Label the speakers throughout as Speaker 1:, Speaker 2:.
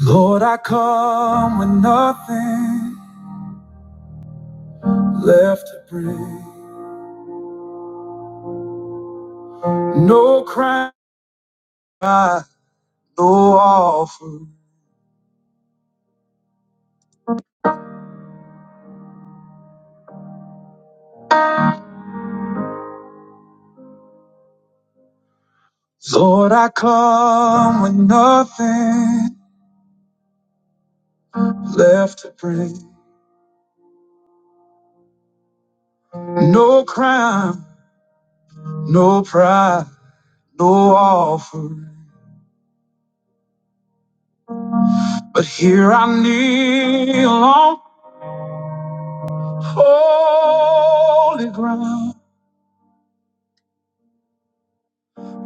Speaker 1: Lord, I come with nothing left to bring. No crown, no offer. Lord, I come with nothing left to bring. No crown, no pride, no offer. But here I kneel on holy ground.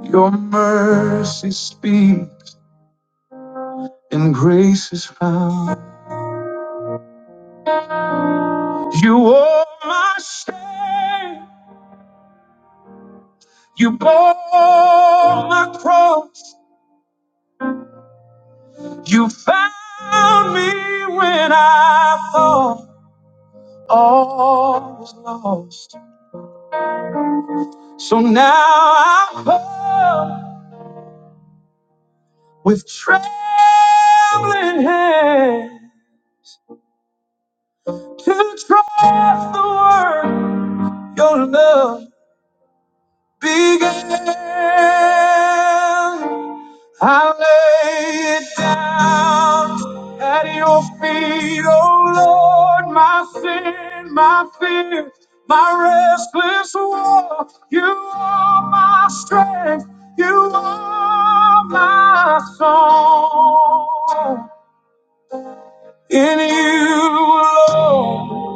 Speaker 1: Your mercy speaks and grace is found. You are my shame. You bore my cross. You found me when I thought all was lost. So now I come with trembling hand to trust the word your love. began. I lay it down at your feet, oh Lord, my sin, my fear, my restless war. You are my strength, you are my song. In you, alone.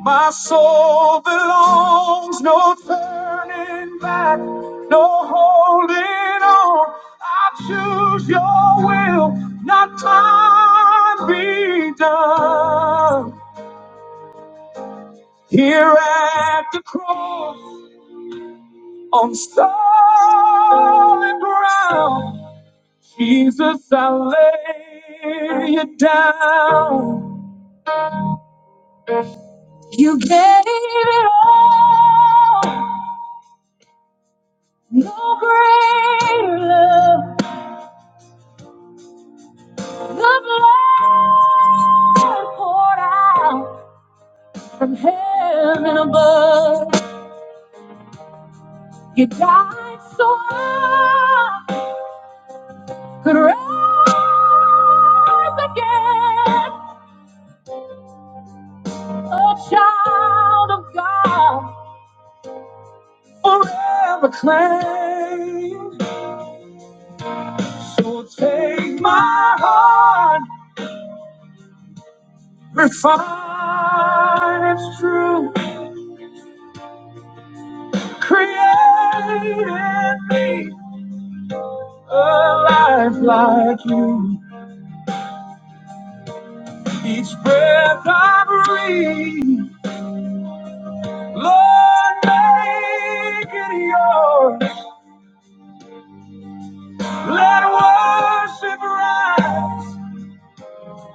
Speaker 1: My soul belongs, no turning back, no holding on. I choose your will, not mine be done. Here at the cross, on solid ground, Jesus, I lay you down. You gave it all, no greater love. Good Lord, poured out from heaven above. You died so I could rise again, a child of God, forever claimed. So take my heart, refine its true, create in me a life like you. Each breath I breathe, Lord, make it yours. Let worship rise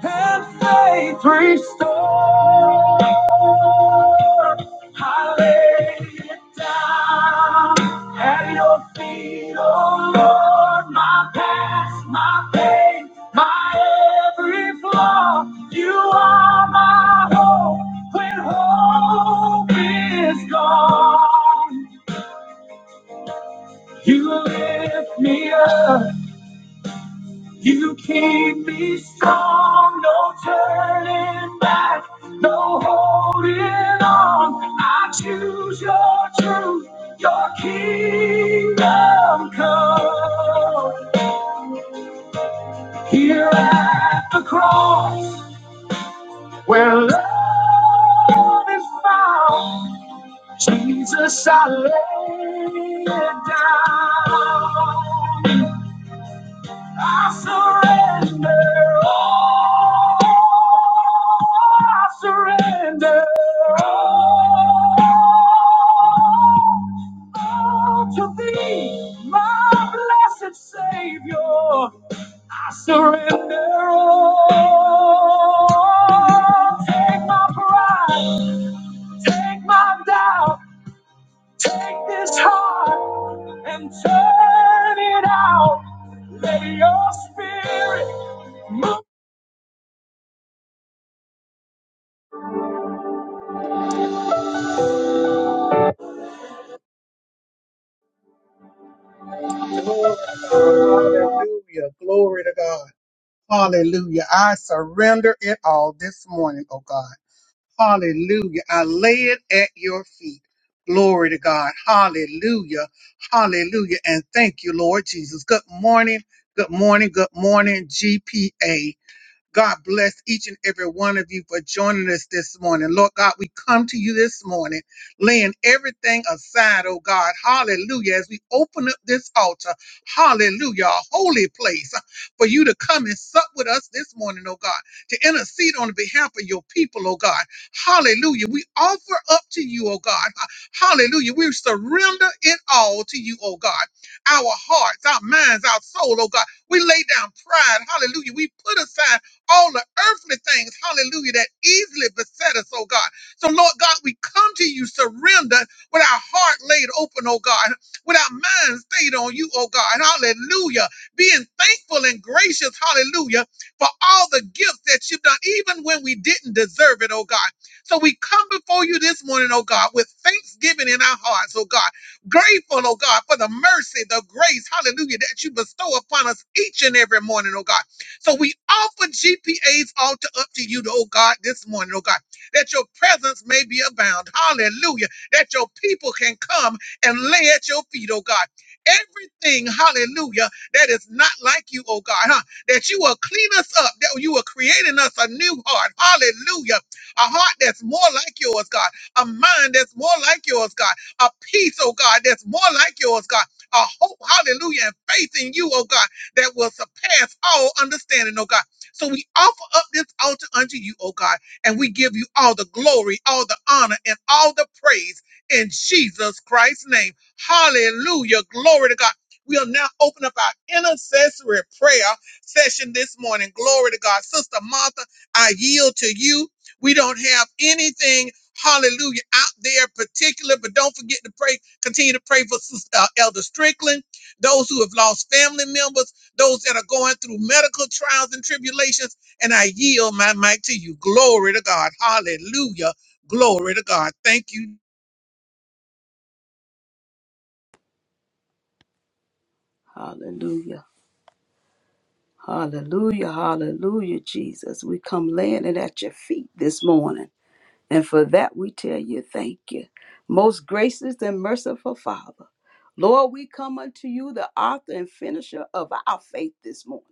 Speaker 1: and faith restore. I lay it down at your feet, oh Lord, my past, my pain, my every flaw. You are my hope when hope is gone. You lift me up. You keep me strong, no turning back, no holding on. I choose your truth, your kingdom come. Here at the cross, where love is found, Jesus, I lay it down. I surrender. all. I surrender. all. all to thee, my blessed Savior. I surrender all. Take my pride, take my doubt, take this heart and turn it out. Let your spirit Hallelujah. Glory to God. Hallelujah. I surrender it all this morning, oh God. Hallelujah. I lay it at your feet. Glory to God. Hallelujah. Hallelujah. And thank you, Lord Jesus. Good morning. Good morning. Good morning, GPA. God bless each and every one of you for joining us this morning. Lord God, we come to you this morning, laying everything aside, oh God. Hallelujah. As we open up this altar, hallelujah, a holy place uh, for you to come and sup with us this morning, oh God, to intercede on behalf of your people, oh God. Hallelujah. We offer up to you, oh God. Hallelujah. We surrender it all to you, oh God. Our hearts, our minds, our soul, oh God. We lay down pride. Hallelujah. We put aside all the earthly things, hallelujah, that easily beset us, oh God. So, Lord God, we come to you surrendered with our heart laid open, oh God, with our mind stayed on you, oh God, hallelujah, being thankful and gracious, hallelujah, for all the gifts that you've done, even when we didn't deserve it, oh God. So, we come before you this morning, oh God, with thanksgiving in our hearts, oh God, grateful, oh God, for the mercy, the grace, hallelujah, that you bestow upon us each and every morning, oh God. So we offer GPAs all to up to you, oh God, this morning, oh God, that your presence may be abound. Hallelujah. That your people can come and lay at your feet, oh God. Everything, hallelujah, that is not like you, oh God, huh? That you will clean us up, that you are creating us a new heart. Hallelujah. A heart that's more like yours, God. A mind that's more like yours, God. A peace, oh God, that's more like yours, God. A hope, hallelujah, and faith in you, oh God that will surpass all understanding, oh God. So we offer up this altar unto you, oh God, and we give you all the glory, all the honor, and all the praise in Jesus Christ's name. Hallelujah. Glory to God. We'll now open up our intercessory prayer session this morning. Glory to God. Sister Martha, I yield to you. We don't have anything, hallelujah, out there particular, but don't forget to pray, continue to pray for Sis- uh, Elder Strickland, those who have lost family members, those that are going through medical trials and tribulations. And I yield my mic to you. Glory to God. Hallelujah. Glory to God. Thank you.
Speaker 2: Hallelujah. Hallelujah. Hallelujah, Jesus. We come laying it at your feet this morning. And for that we tell you, thank you. Most gracious and merciful Father, Lord, we come unto you, the author and finisher of our faith this morning.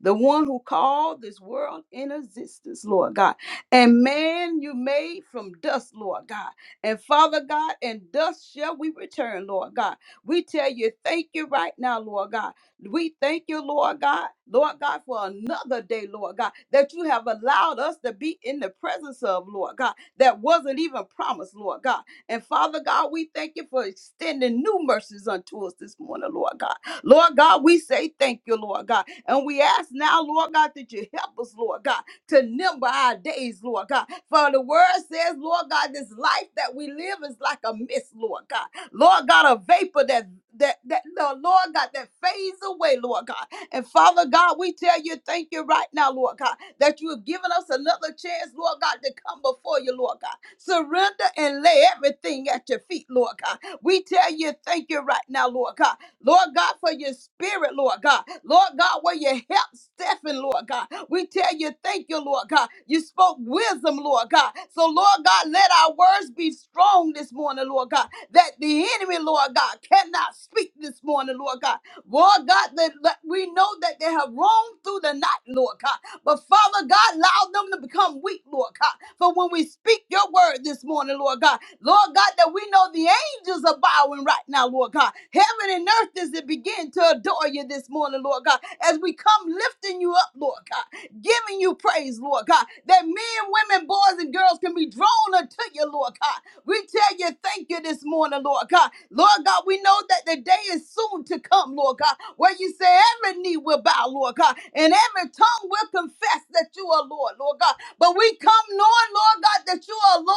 Speaker 2: The one who called this world in existence, Lord God. And man you made from dust, Lord God. And Father God, and dust shall we return, Lord God. We tell you, thank you right now, Lord God. We thank you, Lord God, Lord God, for another day, Lord God, that you have allowed us to be in the presence of, Lord God that wasn't even promised, Lord God. And Father God, we thank you for extending new mercies unto us this morning, Lord God. Lord God, we say thank you, Lord God. And we ask now, Lord God, that you help us, Lord God, to number our days, Lord God. For the word says, Lord God, this life that we live is like a mist, Lord God. Lord God, a vapor that that that Lord God that fades away, Lord God. And Father God, we tell you thank you right now, Lord God, that you have given us another chance, Lord God, to come before you, Lord God. Surrender and lay everything at your feet, Lord God. We tell you thank you right now, Lord God. Lord God, for your spirit, Lord God. Lord God, where you help Stephen, Lord God. We tell you, thank you, Lord God. You spoke wisdom, Lord God. So, Lord God, let our words be strong this morning, Lord God, that the enemy, Lord God, cannot speak this morning, Lord God. Lord God, that, that we know that they have roamed through the night, Lord God. But Father God, allow them to become weak, Lord God. For when we speak your word this morning, Lord God, Lord God, that we know the angels are bowing right now, Lord God. Heaven and earth is to begin to adore you this morning, Lord God, as we come lifting you up, Lord God, giving you praise, Lord God, that men, women, boys, and girls can be drawn unto you, Lord God. We tell you thank you this morning, Lord God. Lord God, we know that the day is soon to come, Lord God, where you say every knee will bow, Lord God, and every tongue will confess that you are Lord, Lord God. But we come knowing, Lord God, that you are Lord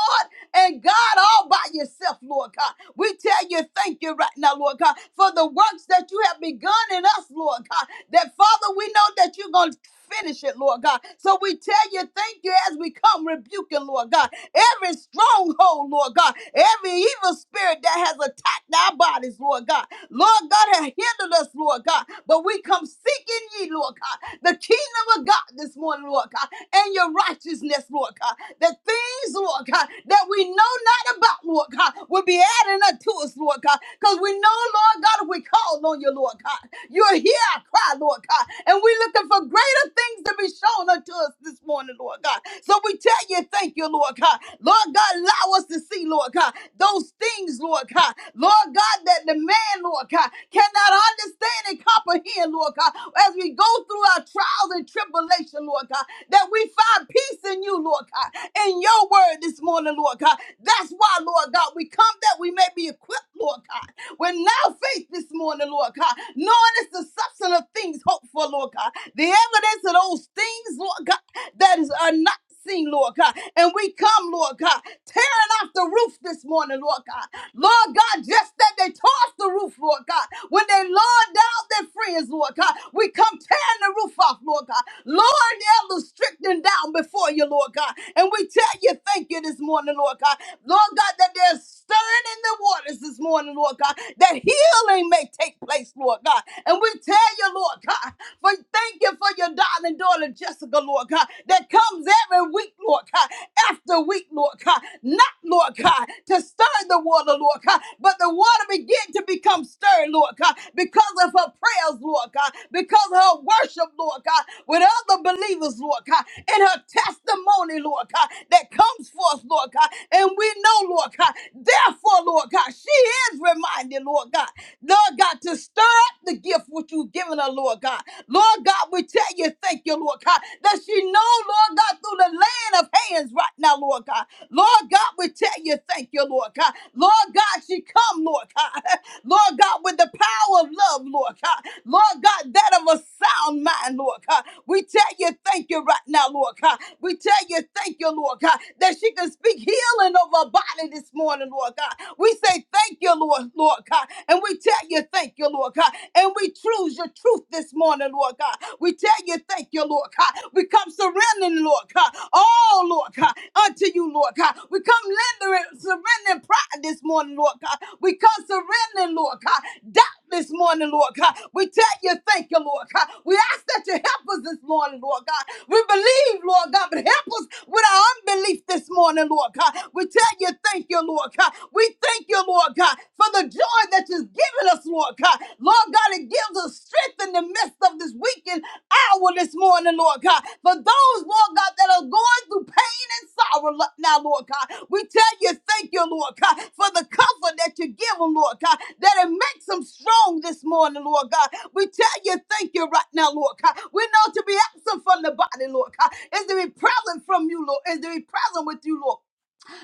Speaker 2: and God all by yourself, Lord God. Lord God. We tell you thank you right now, Lord God, for the works that you have begun in us, Lord God. That Father, we know that you're going to finish it, Lord God. So we tell you thank you as we come rebuking, Lord God, every stronghold, Lord God, every evil spirit that has attacked our bodies, Lord God. Lord God has hindered us, Lord God, but we come seeking ye, Lord God, the kingdom of God this morning, Lord God, and your righteousness, Lord God, the things, Lord God, that we know not about, Lord God will be adding unto us, Lord God. Because we know, Lord God, if we call on you, Lord God, you're here, I cry, Lord God. And we're looking for greater things to be shown unto us this morning, Lord God. So we tell you, thank you, Lord God. Lord God, allow us to see, Lord God, those things, Lord God. Lord God, that the man, Lord God, cannot understand and comprehend, Lord God, as we go through our trials and tribulation, Lord God, that we find peace in you, Lord God, in your word this morning, Lord God. That's why, Lord God. God. We come that we may be equipped, Lord God. We're now faith this morning, Lord God, knowing it's the substance of things hoped for, Lord God. The evidence of those things, Lord God, that is are not seen, Lord God. And we come, Lord God, tearing off the roof this morning, Lord God. Lord God, just that they tore off the roof, Lord God. When they lowered down their friends, Lord God, we come tearing the roof off, Lord God. Lord, elders stricken down before you, Lord God. And we tell you, thank you this morning, Lord God. Lord God, God, that there's stirring in the waters this morning, Lord God, that healing may take place, Lord God. And we tell you, Lord God, for thank you for your darling daughter Jessica, Lord God, that comes every week, Lord God, after week, Lord God, not, Lord God, to stir the water, Lord God, but the water began to become stirred, Lord God, because of her prayers, Lord God, because of her worship, Lord God, with other believers, Lord God, and her testimony, Lord God, that comes forth, Lord God. And we know know, Lord God. Therefore, Lord God, she is reminded, Lord God, Lord God, to stir up the gift which you've given her, Lord God. Lord God, we tell you, thank you, Lord God, that she know, Lord God, through the land of hands right now, Lord God. Lord God, we tell you, thank you, Lord God. Lord God, she come, Lord God. Lord God, with the power of love, Lord God. Lord God, that of a sound mind, Lord God. We tell you, thank you right now, Lord God. We tell you, thank you, Lord God, that she can speak healing healing over our body this morning, Lord God. We say thank you, Lord, Lord God. And we tell you thank you, Lord God. And we choose your truth this morning, Lord God. We tell you thank you, Lord God. We come surrendering, Lord God. Oh, Lord God, unto you, Lord God. We come lendering, surrendering pride this morning, Lord God. We come surrendering, Lord God. Doubt this morning, Lord God. We tell you thank you, Lord God. We ask that you help help us this morning, Lord God. We believe, Lord God, but help us with our unbelief this morning, Lord God. We tell you, thank you, Lord God. We thank you, Lord God, for the joy that you've given us, Lord God. Lord God, it gives us strength in the midst of this weekend hour this morning, Lord God. For those, Lord God, God, that are going through pain and sorrow now, Lord God. We tell you, thank you, Lord God, for the comfort that you give them, Lord God, that it makes them strong this morning, Lord God. We tell you, thank you right now, Lord God. We know to be absent from the body, Lord God, is to be present from you, Lord, is to be present with you, Lord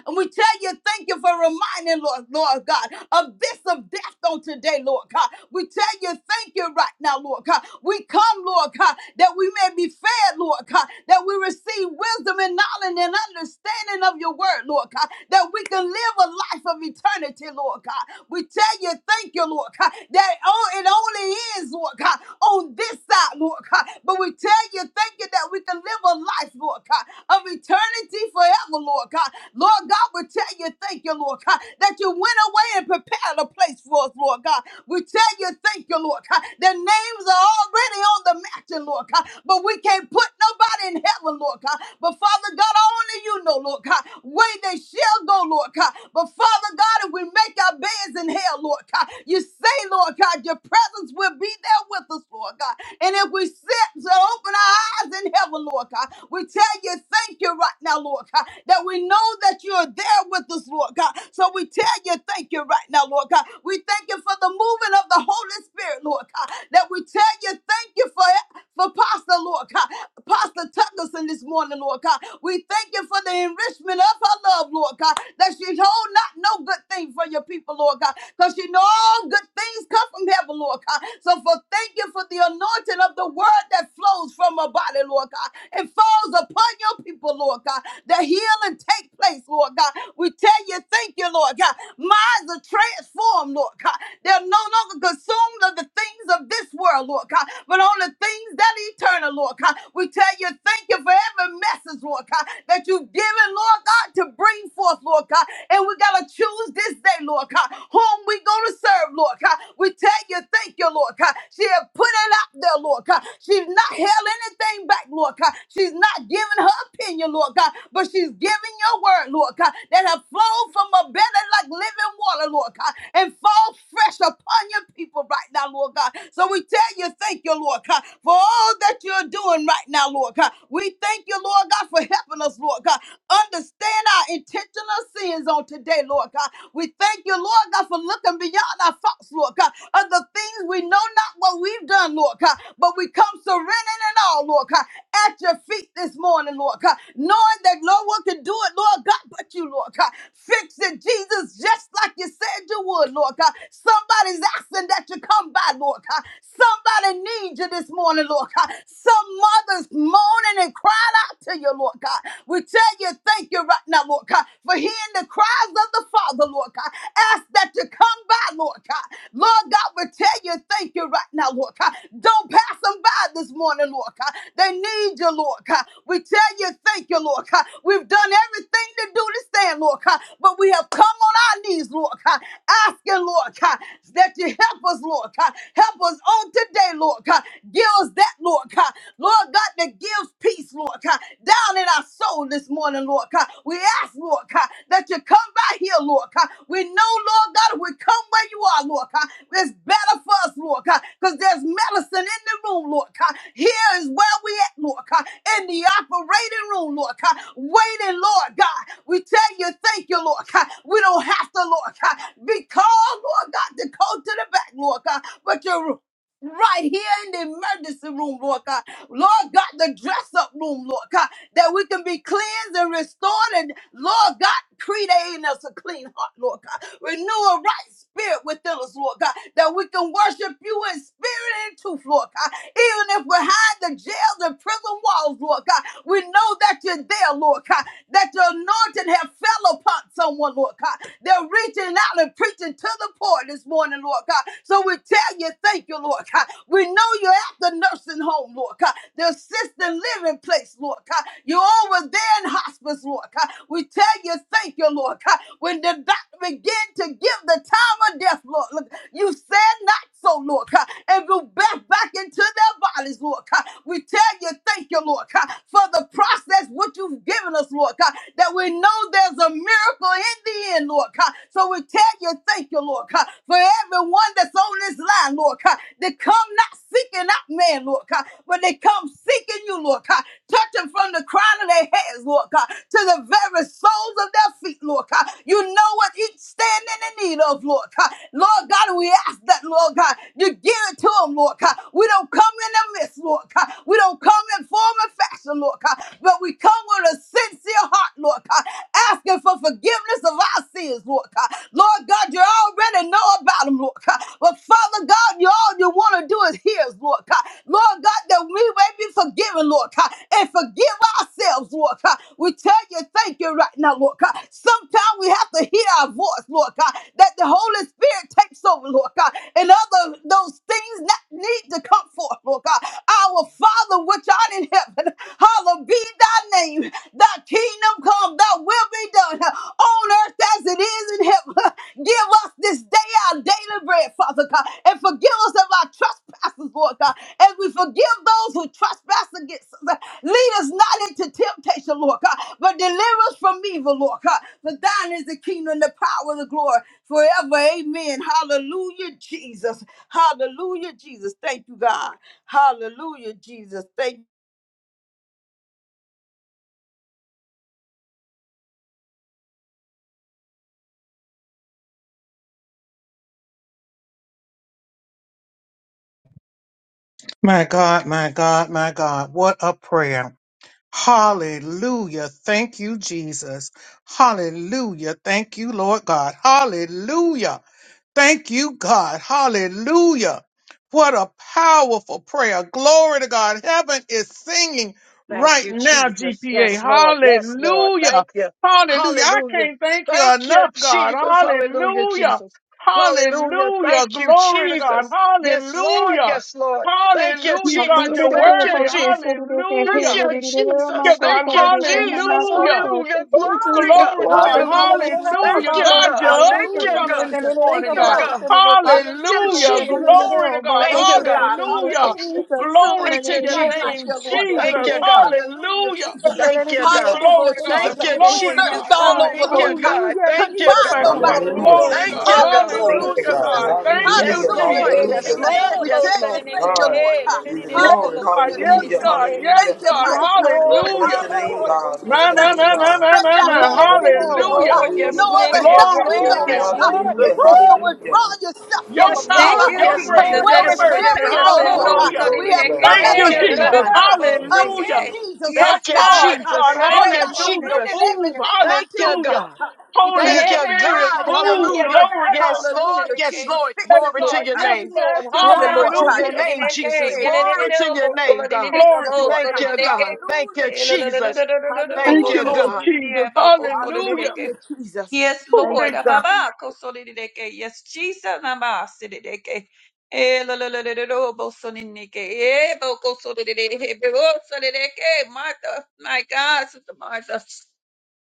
Speaker 2: and we tell you, thank you for reminding, Lord, Lord God, of this of death on today, Lord God. We tell you, thank you right now, Lord God. We come, Lord God, that we may be fed, Lord God, that we receive wisdom and knowledge and understanding of your word, Lord God, that we can live a life of eternity, Lord God. We tell you, thank you, Lord God, that oh, it only is, Lord God, on this this side, Lord God. But we tell you, thank you that we can live a life, Lord God, of eternity forever, Lord God. Lord God, we tell you, thank you, Lord God, that you went away and prepared a place for us, Lord God. We tell you, thank you, Lord God. Their names are already on the matching, Lord God, but we can't put nobody in heaven, Lord God. But Father God, only you know, Lord God, where they shall go, Lord. Lord God. But Father God, if we make our beds in hell, Lord God, you say, Lord God, your presence will be there with us, Lord God. And if we sit to open our eyes in heaven, Lord God, we tell you thank you right now, Lord God, that we know that you are there with us, Lord God. So we tell you thank you right now, Lord God. We thank you for the moving of the Holy Spirit, Lord God, that we tell you thank you for for Pastor, Lord God. Pastor Tuckerson this morning, Lord God. We thank you for the enrichment of her love, Lord God, that she hold not no good thing for your people, Lord God, because she know all good things come from heaven, Lord God. So for thank you for the anointing of the word that flows from her body, Lord God, and falls upon your people, Lord God, that healing take place, Lord God. We tell you, thank you, Lord God. My minds are transformed, Lord God. They're no longer consumed of the things of this world, Lord God, but on the things that eternal, Lord God. We tell you, thank you for every message, Lord God, that you've given, Lord God, to bring forth, Lord God. And we got to choose this day, Lord God, whom we going to serve, Lord God. We tell you, thank you, Lord God. She has put it out there, Lord God. She's not held anything back, Lord God. She's not giving her opinion in you, Lord God, but she's giving your word, Lord God, that have flowed from a belly like living water, Lord God, and fall fresh upon your people right now, Lord God. So we tell you, thank you, Lord God, for all that you're doing right now, Lord God. We thank you, Lord God, for helping us, Lord God, understand our intentional sins on today, Lord God. We thank you, Lord God, for looking beyond our faults, Lord God, of the things we know not what we've we've done, Lord God, but we come surrendering it all, Lord God, at your feet this morning, Lord God, knowing that no one can do it, Lord God, but you, Lord God. Fix it, Jesus, just like you said you would, Lord God. Somebody's asking that you come by, Lord God. Somebody needs you this morning, Lord God. Some mother's moaning and crying out to you, Lord God. We tell you, thank you right now, Lord God, for hearing the cries of the Father, Lord favor, Lord God. Ask that you come by, Lord God. Lord God, we tell you thank you right now, Lord God. Don't pass them by this morning, Lord God. They need you, Lord God. We tell you thank you, Lord God. We've done everything to do to stand, Lord God, but we have come on our knees, Lord God, asking, Lord God, that you help us, Lord God. Help us on today, Lord God. Give us that, Lord God. Lord God, that gives peace, Lord God down in our soul this morning, Lord God. We ask, Lord God, that you come by here, Lord God. We know, Lord God, if we come where you are, Lord God. It's better for us, Lord God, because there's medicine in the room, Lord God. Here is where we at, Lord God, in the operating room, Lord God, waiting, Lord God. We tell you, thank you, Lord God. We don't have to, Lord God, be called, Lord God, to go to the back, Lord God, but you're right here in the emergency room, Lord God. Lord God, the dress up room, Lord God, that we can be cleansed and restored and Lord God, create in us a clean heart, Lord God. Renew a right spirit within us, Lord God, that we can worship you in spirit and truth, Lord God. Even if we're behind the jails and prison walls, Lord God, we know that you're there, Lord God, that your anointing have fell upon someone, Lord God. They're reaching out and preaching to the poor this morning, Lord God. So we tell you, thank you, Lord God. We know you're at the nursing home, Lord God, the assisted living place, Lord God. You. You're over there in hospice, Lord God. We tell you, thank you, Lord God. When the doctor began to give the time of death, Lord, look, you said not so, Lord God. And you back back into their bodies, Lord God. We tell you, thank you, Lord God, for the process what you've given us, Lord God, that we know there's a miracle in the end, Lord God. So we tell you, thank you, Lord God, for everyone that's on this line, Lord God, that come not seeking out man, Lord God, but they come seeking you, Lord God. Touch them from the crown of their heads, Lord God, to the very soles of their feet, Lord God. You know what each standing in need of, Lord God. Lord God, and we ask that, Lord God, you give it to them, Lord God. We don't come in the midst, Lord God. We don't come in form and fashion, Lord God, but we come with a sincere heart, Lord God, asking for forgiveness of our sins, Lord Lord God. Lord God, you already know about them, Lord God. But Father God, you all you want to do is hear us, Lord God. Lord God, that we may be forgiven, Lord God, and forgive ourselves, Lord God. We tell you thank you right now, Lord God. Sometimes we have to hear our voice, Lord God, that the Holy Spirit takes over, Lord God, and other those things that need to come forth, Lord God. Our Father, which art in heaven, Hallowed be thy name. Thy kingdom come, thy will be done on earth as it is in heaven. Give us this day our daily bread, Father God, and forgive us of our trespasses, Lord God, as we forgive those who trespass against us. Lead us not into temptation, Lord God, but deliver us from evil, Lord God. For thine is the kingdom, the power, and the glory forever. Amen. Hallelujah, Jesus. Hallelujah, Jesus. Thank you, God. Hallelujah, Jesus. Thank
Speaker 1: My God, my God, what a prayer. Hallelujah. Thank you, Jesus. Hallelujah. Thank you, Lord God. Hallelujah. Thank you, God. Hallelujah. What a powerful prayer. Glory to God. Heaven is singing
Speaker 3: Thank
Speaker 1: right
Speaker 3: you,
Speaker 1: now,
Speaker 3: Jesus.
Speaker 1: GPA.
Speaker 3: Yes, Lord. Yes, Lord.
Speaker 1: Hallelujah.
Speaker 3: Thank you.
Speaker 1: Hallelujah. I
Speaker 3: Hallelujah.
Speaker 1: can't thank you
Speaker 3: Thank you,
Speaker 1: enough, God.
Speaker 3: Jesus. Hallelujah,
Speaker 1: Hallelujah.
Speaker 3: Jesus. Hallelujah.
Speaker 1: Hallelujah.
Speaker 3: Thank you,
Speaker 1: Glory to God.
Speaker 3: Jesus.
Speaker 1: Hallelujah.
Speaker 3: Yes, Lord. Yes, Lord. Thank you,
Speaker 4: Jesus, glory,
Speaker 3: Jesus. Thank you, Jesus. Thank
Speaker 1: Hallelujah.
Speaker 3: you,
Speaker 1: Yeah,
Speaker 3: Jesus. Thank you, Jesus. Hallelujah. Glory, God.
Speaker 1: Glory to God.
Speaker 3: Hallelujah.
Speaker 2: Hallelujah,
Speaker 4: hallelujah,
Speaker 2: Jesus.
Speaker 3: Thank you,
Speaker 4: Babo
Speaker 3: God.
Speaker 4: said it
Speaker 1: Up
Speaker 4: is,
Speaker 3: Thank
Speaker 1: to
Speaker 3: you,
Speaker 2: Hallelujah,
Speaker 4: yes,
Speaker 3: God.
Speaker 4: and
Speaker 2: Jesus.
Speaker 4: it
Speaker 3: Thank
Speaker 4: is
Speaker 2: Thank
Speaker 4: a
Speaker 2: you,
Speaker 3: you,
Speaker 2: God.
Speaker 4: bow,
Speaker 3: God.
Speaker 4: said it is.
Speaker 3: Yeah,
Speaker 2: Hallelujah,
Speaker 4: Hallelujah,
Speaker 2: Jesus.
Speaker 3: Jesus. Thank
Speaker 2: Thank
Speaker 4: Babo
Speaker 3: you,
Speaker 2: you,
Speaker 4: said it
Speaker 3: God.
Speaker 2: God.
Speaker 4: is, Yes,
Speaker 1: God.
Speaker 2: Hallelujah,
Speaker 4: Jesus,
Speaker 3: Thank
Speaker 2: Jesus.
Speaker 3: you,
Speaker 4: hallelujah,
Speaker 2: None like
Speaker 4: said
Speaker 3: Jesus.
Speaker 2: your Lord God.
Speaker 4: it
Speaker 3: Thank you,
Speaker 4: is.
Speaker 3: God.
Speaker 2: Hallelujah,
Speaker 1: Hallelujah.
Speaker 2: Jesus.
Speaker 3: Thank you,
Speaker 4: Hallelujah,
Speaker 3: God.
Speaker 2: Hallelujah,
Speaker 4: Babo
Speaker 3: Thank
Speaker 2: Jesus.
Speaker 4: said
Speaker 3: you,
Speaker 4: it is,
Speaker 2: We
Speaker 4: yes,
Speaker 2: searched
Speaker 3: Jesus.
Speaker 2: all
Speaker 4: God,
Speaker 2: over,
Speaker 3: Thank
Speaker 2: Lord
Speaker 3: you,
Speaker 2: God.
Speaker 3: God.
Speaker 4: hallelujah,
Speaker 2: Couldn't
Speaker 3: Thank you,
Speaker 4: Jesus,
Speaker 2: find
Speaker 3: God.
Speaker 4: glory,
Speaker 2: nobody,
Speaker 5: Hallelujah.
Speaker 2: Lord.
Speaker 4: glory,
Speaker 3: Thank you,
Speaker 4: glory,
Speaker 3: God.
Speaker 5: Thank
Speaker 2: Hallelujah,
Speaker 4: glory,
Speaker 5: you,
Speaker 1: Hallelujah,
Speaker 5: God.
Speaker 4: glory.
Speaker 2: Jesus.
Speaker 1: God. Thank you,
Speaker 3: Yes,
Speaker 5: Hallelujah.
Speaker 2: Hallelujah,
Speaker 3: Lord.
Speaker 4: Yes,
Speaker 1: Jesus.
Speaker 3: Yes,
Speaker 5: Hallelujah.
Speaker 2: Jesus.
Speaker 3: Lord.
Speaker 2: We
Speaker 3: Yes,
Speaker 2: tell you,
Speaker 3: Lord.
Speaker 2: thank you,
Speaker 5: God,
Speaker 2: Lord.
Speaker 5: be the
Speaker 1: Yes,
Speaker 2: God.
Speaker 5: glory.
Speaker 1: God.
Speaker 2: Hallelujah,
Speaker 1: Yes,
Speaker 5: Hallelujah.
Speaker 2: Jesus.
Speaker 1: God. Yes,
Speaker 5: Hallelujah.
Speaker 2: Thank you,
Speaker 1: God.
Speaker 2: mighty God.
Speaker 5: Oh,
Speaker 4: Lord.
Speaker 1: Hallelujah.
Speaker 5: bless your name,
Speaker 2: Hallelujah,
Speaker 5: God. Bless
Speaker 1: My,
Speaker 2: Jesus.
Speaker 5: your
Speaker 1: my,
Speaker 5: name,
Speaker 1: my,
Speaker 2: We
Speaker 1: my,
Speaker 5: God.
Speaker 1: my,
Speaker 2: stretch
Speaker 1: my,
Speaker 2: our
Speaker 1: my.
Speaker 2: hands to thee,
Speaker 5: Hallelujah.
Speaker 2: Lord
Speaker 1: Hallelujah.
Speaker 2: God.
Speaker 3: Lord,
Speaker 2: No
Speaker 3: yes,
Speaker 5: Hallelujah.
Speaker 3: Lord.
Speaker 2: other help
Speaker 3: Yes,
Speaker 1: Glory
Speaker 4: Yes,
Speaker 2: we
Speaker 1: to
Speaker 3: Lord.
Speaker 1: your
Speaker 2: know,
Speaker 5: Oh,
Speaker 4: God.
Speaker 3: Yes,
Speaker 2: Lord
Speaker 1: name,
Speaker 2: God.
Speaker 1: Jesus.
Speaker 3: Lord.
Speaker 2: If
Speaker 5: hallelujah.
Speaker 4: Mm.
Speaker 2: you
Speaker 1: Woo!
Speaker 2: shall
Speaker 5: Hallelujah.
Speaker 2: withdraw yourself from
Speaker 1: Your
Speaker 3: Yes,
Speaker 2: us,
Speaker 4: Thank
Speaker 3: Lord.
Speaker 1: power,
Speaker 2: Father,
Speaker 4: you,
Speaker 1: your
Speaker 3: Yes,
Speaker 4: Jesus.
Speaker 2: and
Speaker 1: grace,
Speaker 3: Lord.
Speaker 5: Hallelujah,
Speaker 1: your
Speaker 2: whether
Speaker 3: Yes,
Speaker 5: Jesus.
Speaker 2: shall
Speaker 1: mercy.
Speaker 3: Lord.
Speaker 2: we
Speaker 3: Yes,
Speaker 2: go, Lord
Speaker 3: Lord.
Speaker 5: Glory,
Speaker 2: God?
Speaker 1: Hallelujah.
Speaker 2: We
Speaker 5: glory,
Speaker 2: have
Speaker 5: glory.
Speaker 2: come
Speaker 1: Thank
Speaker 2: at
Speaker 3: Thank
Speaker 1: you,
Speaker 2: the
Speaker 3: you,
Speaker 2: feet,
Speaker 5: Hallelujah.
Speaker 1: Jesus.
Speaker 2: Lord
Speaker 3: God.
Speaker 2: God, of
Speaker 1: Hallelujah.
Speaker 5: Jesus.
Speaker 2: Jesus
Speaker 4: Yes,
Speaker 1: Touch
Speaker 3: Thank
Speaker 2: right
Speaker 3: you,
Speaker 2: now, Lord
Speaker 4: God.
Speaker 1: hearts,
Speaker 2: God.
Speaker 3: Jesus.
Speaker 1: God.
Speaker 3: Thank
Speaker 2: Lord
Speaker 3: you,
Speaker 2: God,
Speaker 1: Hallelujah.
Speaker 2: surrendered
Speaker 3: Jesus.
Speaker 1: Move.
Speaker 4: Yes,
Speaker 2: everything
Speaker 4: God.
Speaker 3: Thank
Speaker 2: unto
Speaker 3: you,
Speaker 2: you,
Speaker 1: Hallelujah.
Speaker 2: Lord
Speaker 3: God.
Speaker 2: God. We
Speaker 1: Holy
Speaker 4: Amen.
Speaker 2: tell
Speaker 3: Thank
Speaker 2: you,
Speaker 3: you,
Speaker 2: thank you
Speaker 1: Spirit,
Speaker 3: God.
Speaker 2: right now,
Speaker 1: move.
Speaker 2: Lord
Speaker 4: Hallelujah.
Speaker 2: God.
Speaker 3: Hallelujah.
Speaker 4: Yes,
Speaker 1: Glory
Speaker 4: I
Speaker 1: to
Speaker 4: go
Speaker 1: God.
Speaker 3: Yes,
Speaker 4: so that
Speaker 3: Lord.
Speaker 2: Hallelujah,
Speaker 4: it
Speaker 3: Yes,
Speaker 4: can.
Speaker 2: Jesus.
Speaker 3: Lord.
Speaker 2: Fix
Speaker 1: Yes,
Speaker 4: Yes,
Speaker 2: it,
Speaker 3: Glory
Speaker 1: God.
Speaker 2: Lord
Speaker 3: to
Speaker 4: Lord
Speaker 3: your
Speaker 1: Yes,
Speaker 2: God.
Speaker 3: name.
Speaker 4: Jesus.
Speaker 1: Lord.
Speaker 2: Fix it,
Speaker 3: Glory
Speaker 2: Lord
Speaker 3: to
Speaker 4: Tamamako,
Speaker 2: God,
Speaker 4: so
Speaker 3: your
Speaker 1: Hallelujah.
Speaker 4: that
Speaker 2: just
Speaker 3: name,
Speaker 2: like
Speaker 4: it
Speaker 2: you
Speaker 4: can.
Speaker 3: Jesus.
Speaker 2: said you
Speaker 3: Glory
Speaker 2: would,
Speaker 3: to your
Speaker 4: Yeleleleleloko,
Speaker 2: Jesus.
Speaker 4: so
Speaker 3: name,
Speaker 4: that
Speaker 3: God.
Speaker 2: Fix
Speaker 4: it can.
Speaker 1: Glory
Speaker 2: it,
Speaker 1: to
Speaker 4: Bo,
Speaker 2: Lord
Speaker 1: your
Speaker 4: so
Speaker 3: Thank
Speaker 4: that
Speaker 1: name,
Speaker 2: God.
Speaker 3: you,
Speaker 4: it
Speaker 1: Jesus.
Speaker 3: God.
Speaker 4: can.
Speaker 3: Thank you,
Speaker 2: Hallelujah, Jesus.
Speaker 3: Jesus. Thank
Speaker 1: Thank you,
Speaker 3: you,
Speaker 2: Hallelujah.
Speaker 4: Yeleleleleleleleleloko,
Speaker 2: Jesus.
Speaker 4: so
Speaker 1: Lord
Speaker 3: God.
Speaker 4: that it
Speaker 1: Jesus.
Speaker 4: can. Bako, so that
Speaker 1: Hallelujah.
Speaker 4: it can.
Speaker 2: Hallelujah, Jesus.
Speaker 4: Yes,
Speaker 1: Oh,
Speaker 2: Thank
Speaker 4: Lord.
Speaker 1: thank
Speaker 2: you,
Speaker 1: you.
Speaker 2: God.
Speaker 1: Jesus.
Speaker 4: Ababako, so that it can. Yes, Jesus. Nama, so that it can. Eleleleleleleloko, so that it can. Eh, so that it can. Bo, so that it can. Martha, my God, Sister Martha.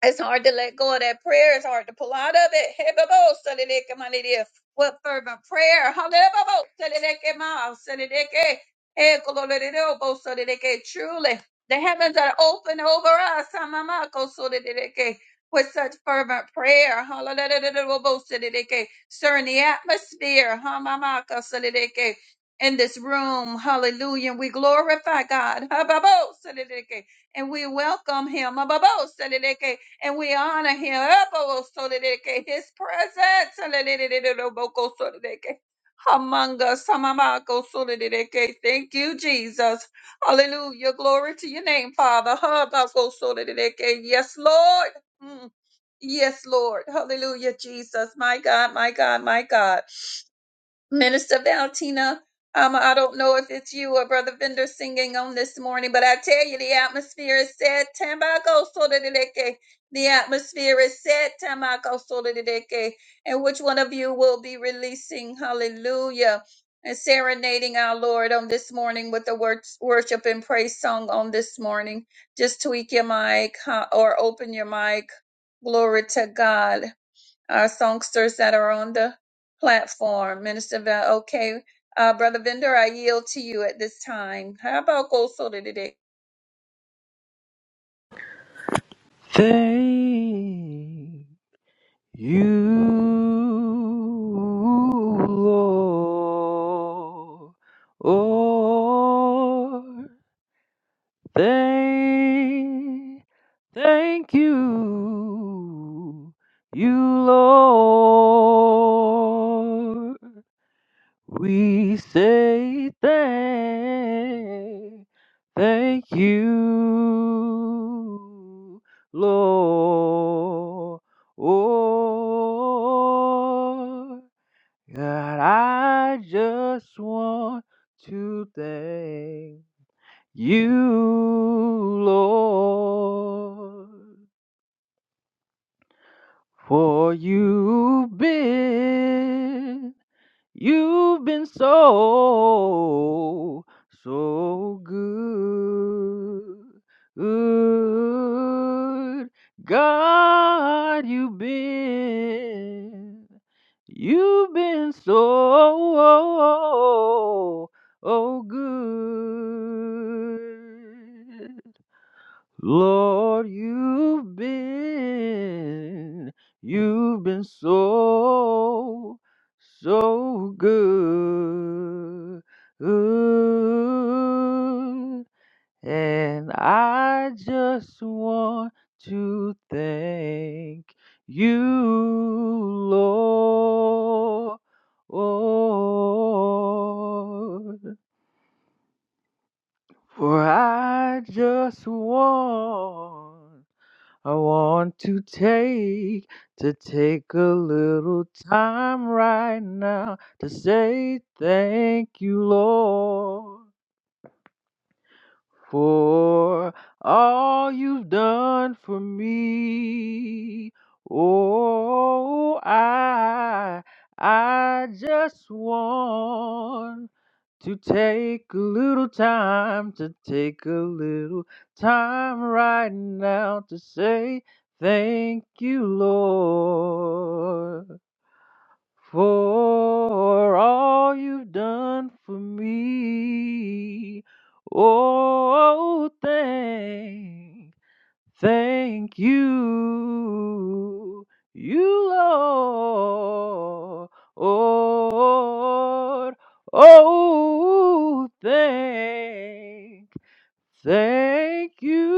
Speaker 4: It's hard to let go of that prayer. It's hard to pull out of it. Hey, babo, sadideke, manideke. What fervent prayer? Hallelujah, babo, sadideke, ma, sadideke. Hey, kololeleo, bo, sadideke. Truly, the heavens are open over us. Hamamako, sadideke, With such fervent prayer. Hallelujah, bo, sadideke. Stir in the atmosphere. Hamamaka, sadideke. In eh. In this room. Hallelujah. We glorify God. Hababo, sadideke. And we welcome him. Hababo, sadideke and we honor him. Elbow so that it can- His presence so that it- it- it- it- so that it can- among us. Samamako so that it can- Thank you, Jesus. Hallelujah. Glory to your name, Father. Habako so that it can- Yes, Lord. Mm. Yes, Lord. Hallelujah, Jesus. My God, my God, my God. Minister Valentina, um, I don't know if it's you or Brother Vendor singing on this morning, but I tell you, the atmosphere is set. Tambaco solideke. The atmosphere is set. Tambaco solideke. And which one of you will be releasing hallelujah and serenading our Lord on this morning with the wor- worship and praise song on this morning? Just tweak your mic huh, or open your mic. Glory to God our songsters that are on the platform. Minister Val, okay. Uh, Brother Vendor, I yield to you at this time. How about go soda today?
Speaker 6: Thank you, Lord. Oh, thank, thank you, you, Lord. We say thank, thank you, Lord. God, I just want to thank you, Lord, for you've been. You've been so, so good. God, you've been, you've been so, oh, oh, oh, good. Lord, you've been, you've been so, so good. And I just want to thank you, Lord. For I just want I want to take to take a little time right now to say thank you, Lord for all you've done for me. Oh, I, I just want to take a little time, to take a little time right now to say thank you, Lord for all you've done for me. Oh, thank, thank you, you Lord. Oh, thank, Thank you,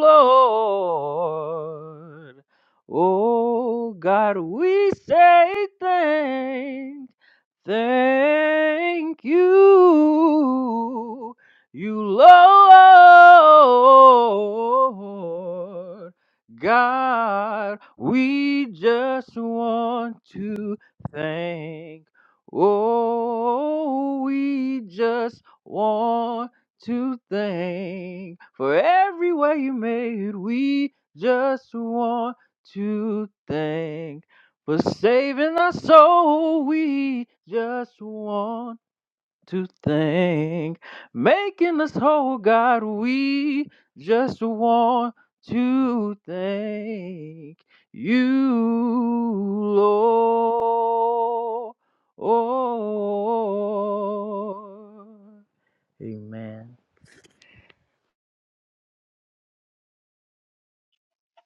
Speaker 6: Lord. Oh God, we say thanks. Thank you, you Lord God. We just want to thank. Oh, we just want to thank for every way you made. We just want to thank for saving our soul. We just want to thank, making us whole, God. We just want to thank you, Lord. Amen.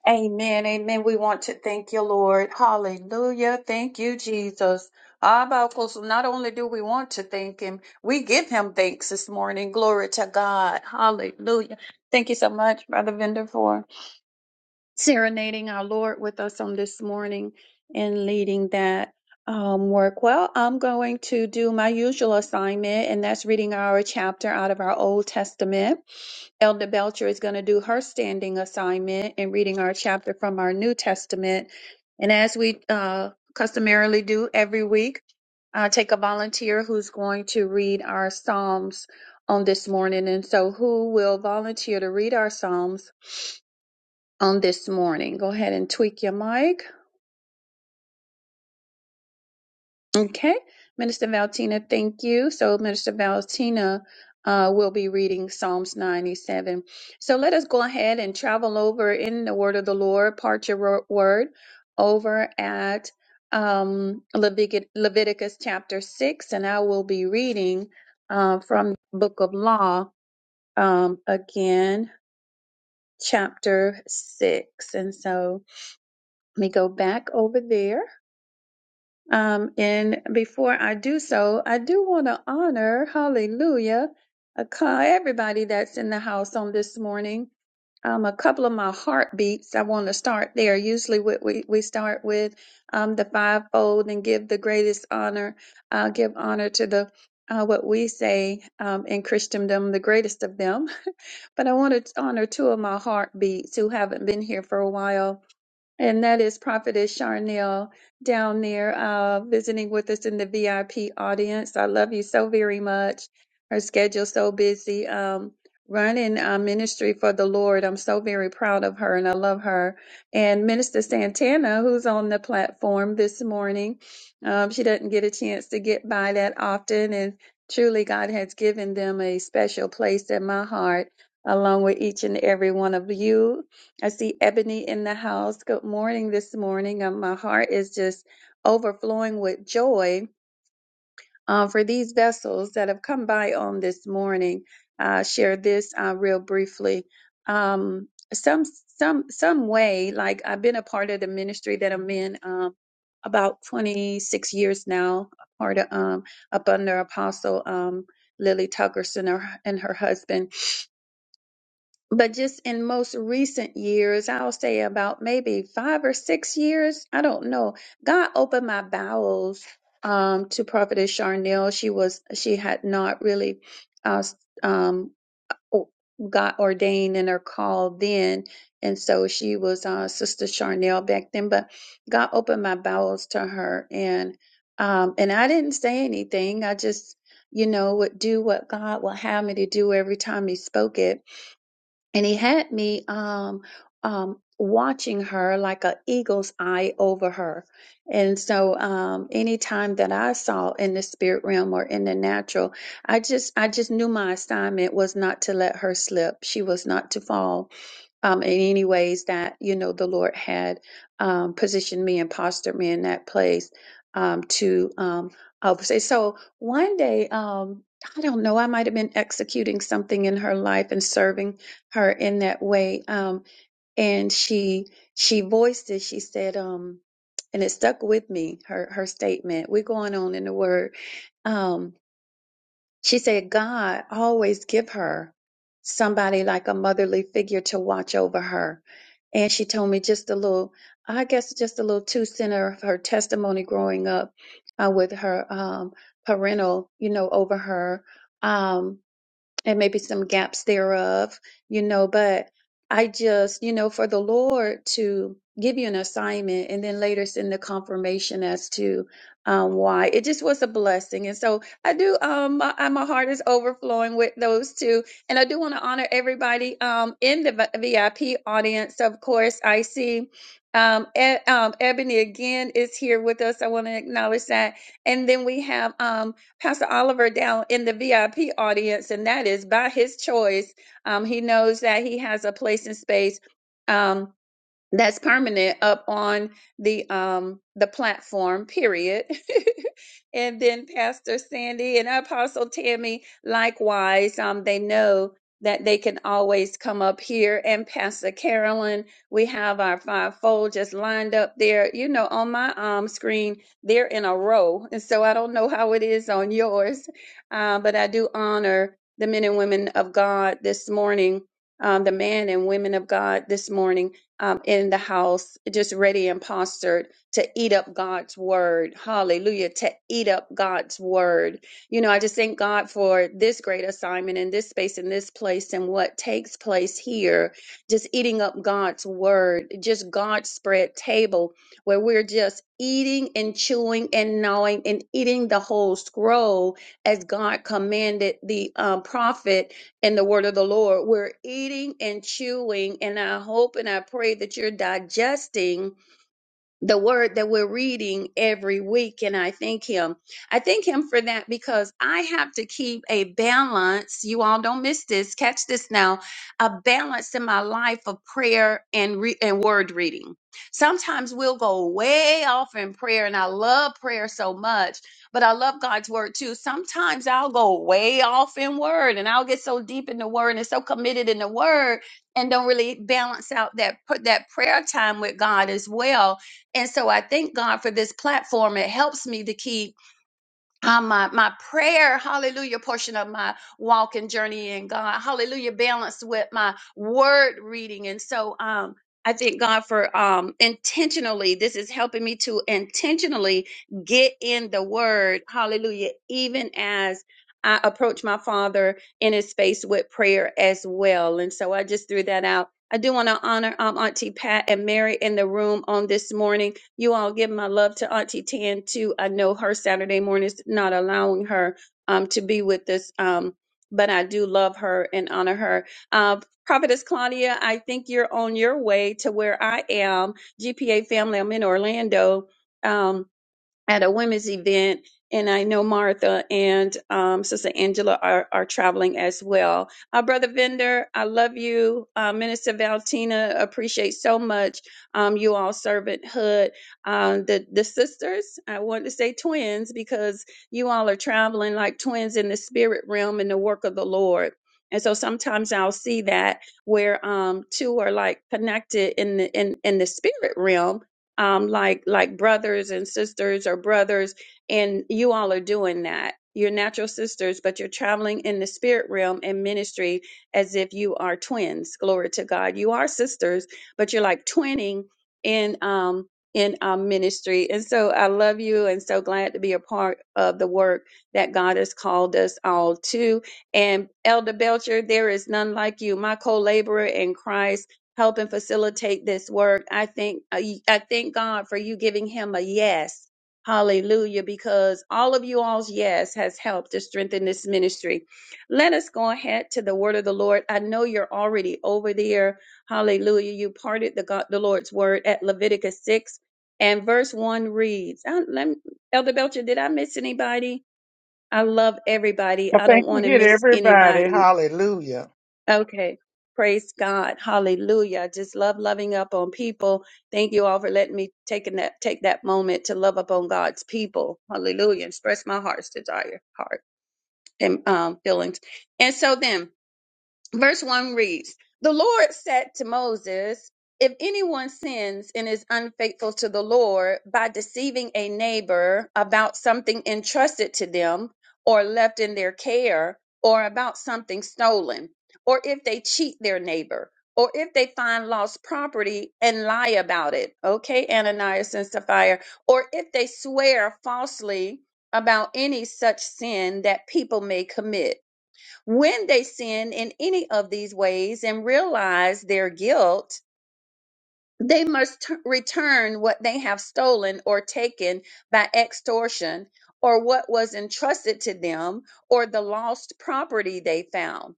Speaker 4: Amen. Amen. We want to thank you, Lord. Hallelujah. Thank you, Jesus. How about go Not only do we want to thank him, we give him thanks this morning. Glory to God. Hallelujah. Thank you so much, Brother Vendor, for serenading our Lord with us on this morning and leading that um, work. Well, I'm going to do my usual assignment, and that's reading our chapter out of our Old Testament. Elder Belcher is going to do her standing assignment and reading our chapter from our New Testament. And as we uh, customarily do every week, uh, take a volunteer who's going to read our Psalms on this morning. And so, who will volunteer to read our Psalms? on this morning. Go ahead and tweak your mic. Okay. Minister Valentina. thank you. So, Minister Valentina uh, will be reading Psalms 97. So, let us go ahead and travel over in the word of the Lord, part your ro- word over at um, Levitic- Leviticus chapter 6. And I will be reading uh, from the book of law um, again, chapter 6. And so, let me go back over there Um, and before I do so, I do want to honor, hallelujah, a cou- everybody that's in the house on this morning. Um, a couple of my heartbeats, I want to start there. Usually, what we, we start with um, the fivefold and give the greatest honor, uh, give honor to the uh, what we say um, in Christendom, the greatest of them. But I want to honor two of my heartbeats who haven't been here for a while and that is Prophetess Charnel down there uh, visiting with us in the VIP audience. I love you so very much. Her schedule's so busy. Um, running uh, ministry for the Lord. I'm so very proud of her and I love her. And Minister Santana, who's on the platform this morning, um, she doesn't get a chance to get by that often. And truly, God has given them a special place in my heart, along with each and every one of you. I see Ebony in the house. Good morning this morning. Um, my heart is just overflowing with joy uh, for these vessels that have come by on this morning. Uh, share this uh, real briefly. Um, some some some way, like I've been a part of the ministry that I'm in um, about 26 years now, a part of um, up under Apostle um, Lily Tuggerson and her and her husband but just in most recent years, I'll say about maybe five or six years, I don't know. God opened my bowels um, to Prophetess Charnel. She was she had not really uh, s- um, o- got ordained in her call then, and so she was uh, Sister Charnel back then. But God opened my bowels to her, and um, and I didn't say anything. I just you know would do what God would have me to do every time He spoke it and he had me um um watching her like an eagle's eye over her and so um anytime that i saw in the spirit realm or in the natural i just i just knew my assignment was not to let her slip she was not to fall um, in any ways that you know the Lord had um, positioned me and postured me in that place um, to um, oversee. So one day, um, I don't know, I might have been executing something in her life and serving her in that way, um, and she she voiced it. She said, um, and it stuck with me. Her her statement. We're going on in the Word. Um, she said God always give her somebody like a motherly figure to watch over her. And she told me just a little, I guess just a little two center of her testimony growing up uh, with her um, parental, you know, over her. Um, and maybe some gaps thereof, you know, but I just, you know, for the Lord to give you an assignment and then later send the confirmation as to um, why it just was a blessing. And so I do, um, my, I- my heart is overflowing with those two. And I do want to honor everybody um, in the V- VIP audience. Of course, I see um, E- um, Ebony again is here with us. I want to acknowledge that. And then we have um, Pastor Oliver down in the VIP audience, and that is by his choice. Um, he knows that he has a place and space. Um, that's permanent up on the um the platform period and then pastor sandy and apostle tammy likewise um they know that they can always come up here and pastor carolyn we have our fivefold just lined up there you know on my um screen they're in a row and so i don't know how it is on yours uh, but i do honor the men and women of god this morning um, the man and women of god this morning um, in the house, just ready and postured to eat up God's word. Hallelujah. To eat up God's word. You know, I just thank God for this great assignment in this space, in this place, and what takes place here. Just eating up God's word, just God's spread table where we're just eating and chewing and gnawing and eating the whole scroll as God commanded the um, prophet in the word of the Lord. We're eating and chewing, and I hope and I pray that you're digesting the word that we're reading every week and I thank him. I thank him for that because I have to keep a balance. You all don't miss this. Catch this now. A balance in my life of prayer and re- and word reading. Sometimes we'll go way off in prayer and I love prayer so much, but I love God's word too. Sometimes I'll go way off in word and I'll get so deep in the word and so committed in the word and don't really balance out that put that prayer time with God as well and so I thank God for this platform. It helps me to keep uh, my, my prayer, hallelujah, portion of my walk and journey in God, hallelujah, balanced with my word reading. And so um, I thank God for um, intentionally, this is helping me to intentionally get in the word, hallelujah, even as I approach my father in his space with prayer as well. And so I just threw that out. I do want to honor um, Auntie Pat and Mary in the room on this morning. You all give my love to Auntie Tan too. I know her Saturday morning is not allowing her um, to be with us, um, but I do love her and honor her. Uh, Prophetess Claudia, I think you're on your way to where I am. GPA family, I'm in Orlando. Um, at a women's event, and I know Martha and um, Sister Angela are, are traveling as well. Uh, Brother Vender, I love you. Uh, Minister Valentina. appreciate so much um, you all servanthood. Um, the the sisters, I want to say twins because you all are traveling like twins in the spirit realm in the work of the Lord. And so sometimes I'll see that where um, two are like connected in the in, in the spirit realm, um, like like brothers and sisters or brothers, and you all are doing that. You're natural sisters, but you're traveling in the spirit realm and ministry as if you are twins. Glory to God. You are sisters, but you're like twinning in um in um ministry. And so I love you and so glad to be a part of the work that God has called us all to. And Elder Belcher, there is none like you, my co-laborer in Christ help and facilitate this work. I thank I I thank God for you giving him a yes. Hallelujah, because all of you all's yes has helped to strengthen this ministry. Let us go ahead to the word of the Lord. I know you're already over there. Hallelujah. You parted the God, the Lord's word at Leviticus 6 and verse 1 reads, I, let, me- Elder Belcher, did I miss anybody? I love everybody.
Speaker 1: I
Speaker 4: I don't
Speaker 1: thank you.
Speaker 4: want to
Speaker 1: Hit
Speaker 4: miss
Speaker 1: everybody.
Speaker 4: anybody.
Speaker 1: Hallelujah.
Speaker 4: Okay. Praise God. Hallelujah. I just love loving up on people. Thank you all for letting me take that take that moment to love up on God's people. Hallelujah. Express my heart's desire, heart and um feelings. And so then Verse 1 reads The Lord said to Moses, If anyone sins and is unfaithful to the Lord by deceiving a neighbor about something entrusted to them or left in their care, or about something stolen, or if they cheat their neighbor, or if they find lost property and lie about it, okay, Ananias and Sapphira, or if they swear falsely about any such sin that people may commit when they sin in any of these ways and realize their guilt, they must t- return what they have stolen or taken by extortion, or what was entrusted to them, or the lost property they found,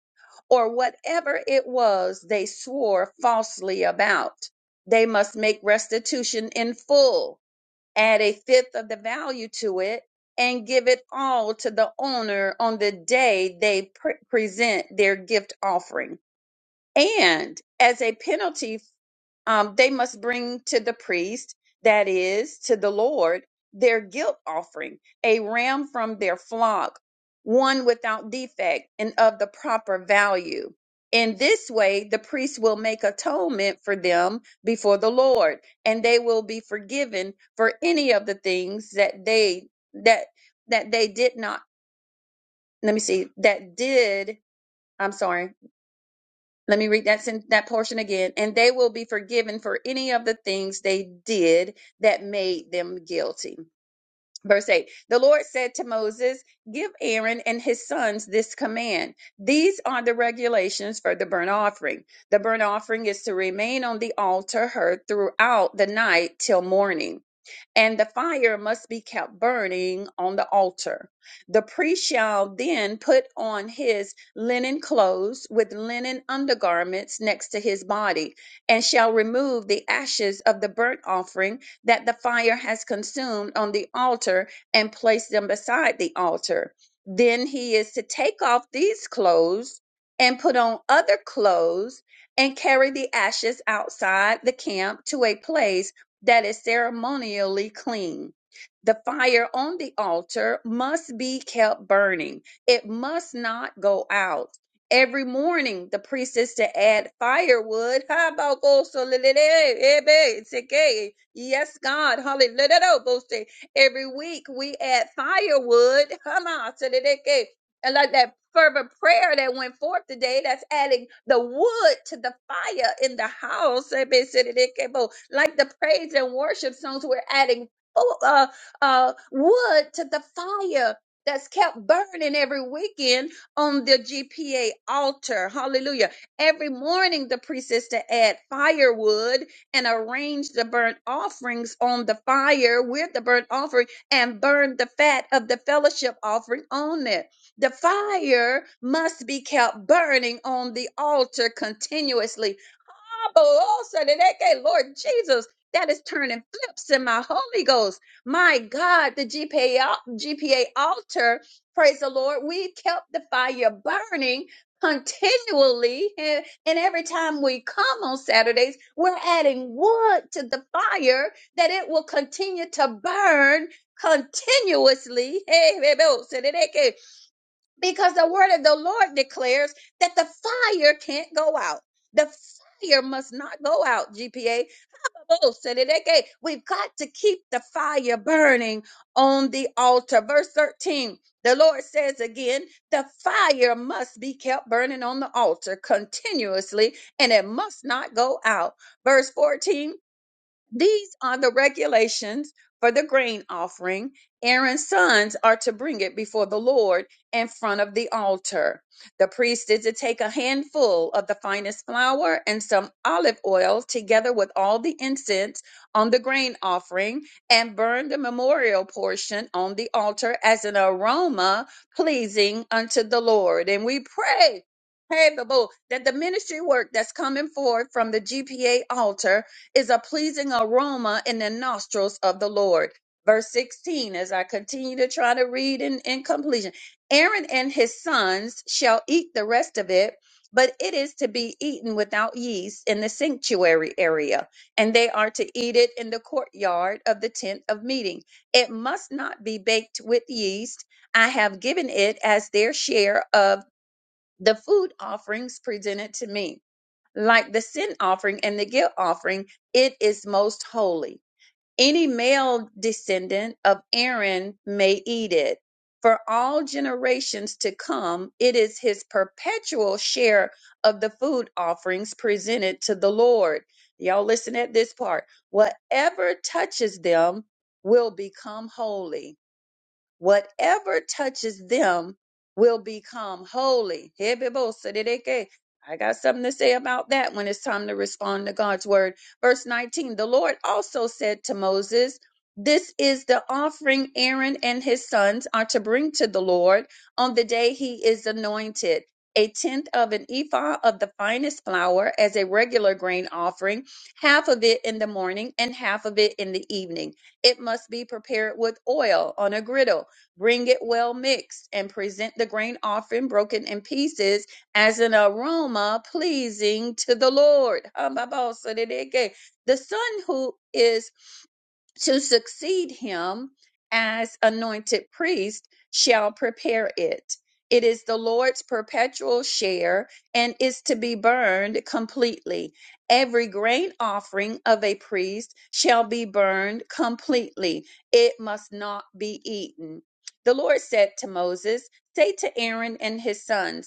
Speaker 4: or whatever it was they swore falsely about. They must make restitution in full add a fifth of the value to it, and give it all to the owner on the day they pre- present their gift offering. And as a penalty um, they must bring to the priest, that is, to the Lord, their guilt offering, a ram from their flock, one without defect and of the proper value. In this way, the priest will make atonement for them before the Lord, and they will be forgiven for any of the things that they that that they did not. Let me see. That did. I'm sorry let me read that sen- that portion again. And they will be forgiven for any of the things they did that made them guilty. Verse 8 The Lord said to Moses, Give Aaron and his sons this command. These are the regulations for the burnt offering. The burnt offering is to remain on the altar heard throughout the night till morning and the fire must be kept burning on the altar. The priest shall then put on his linen clothes with linen undergarments next to his body, and shall remove the ashes of the burnt offering that the fire has consumed on the altar and place them beside the altar. Then he is to take off these clothes and put on other clothes and carry the ashes outside the camp to a place that is ceremonially clean. The fire on the altar must be kept burning, it must not go out. Every morning, the priest is to add firewood. Ha, ba, go, so, le, le, le, eh, be, it's okay. Yes, God. Hallelujah. Every week, we add firewood. Ha, ma, so, le, le, ke and like that fervent prayer that went forth today that's adding the wood to the fire in the house eh, said it, it came out. like the praise and worship songs we're adding oh, uh, uh, wood to the fire that's kept burning every weekend on the GPA altar. Hallelujah. Every morning, the priestess to add firewood and arrange the burnt offerings on the fire with the burnt offering and burn the fat of the fellowship offering on it the fire must be kept burning on the altar continuously. Abba, oh, so that they Lord Jesus, that is turning flips in my Holy Ghost. My God, the GPA, al- GPA altar, praise the Lord, we kept the fire burning continually. And, and every time we come on Saturdays, we're adding wood to the fire that it will continue to burn continuously. Hey, hey, oh, so that they because the word of the Lord declares that the fire can't go out. The fire must not go out, GPA. Oh, said it again. We've got to keep the fire burning on the altar. Verse 13, the Lord says again, the fire must be kept burning on the altar continuously and it must not go out. Verse 14, these are the regulations for the grain offering. Aaron's sons are to bring it before the Lord in front of the altar. The priest is to take a handful of the finest flour and some olive oil together with all the incense on the grain offering and burn the memorial portion on the altar as an aroma pleasing unto the Lord. And we pray. Hey, Babu, that the ministry work that's coming forth from the GPA altar is a pleasing aroma in the nostrils of the Lord. Verse 16, as I continue to try to read in, in completion Aaron and his sons shall eat the rest of it, but it is to be eaten without yeast in the sanctuary area, and they are to eat it in the courtyard of the tent of meeting. It must not be baked with yeast. I have given it as their share of the food offerings presented to me like the sin offering and the guilt offering, it is most holy. Any male descendant of Aaron may eat it. For all generations to come, it is his perpetual share of the food offerings presented to the Lord. Y'all listen at this part. Whatever touches them will become holy whatever touches them will become holy. Hebebosedeke. I got something to say about that when it's time to respond to God's word. Verse 19 The Lord also said to Moses, This is the offering Aaron and his sons are to bring to the Lord on the day he is anointed. A tenth of an ephah of the finest flour as a regular grain offering, half of it in the morning and half of it in the evening. It must be prepared with oil on a griddle Bring it well mixed and present the grain offering broken in pieces as an aroma pleasing to the Lord. Hambabosadidike. The son who is to succeed him as anointed priest shall prepare it. It is the Lord's perpetual share and is to be burned completely. Every grain offering of a priest shall be burned completely. It must not be eaten. The Lord said to Moses, Say to Aaron and his sons,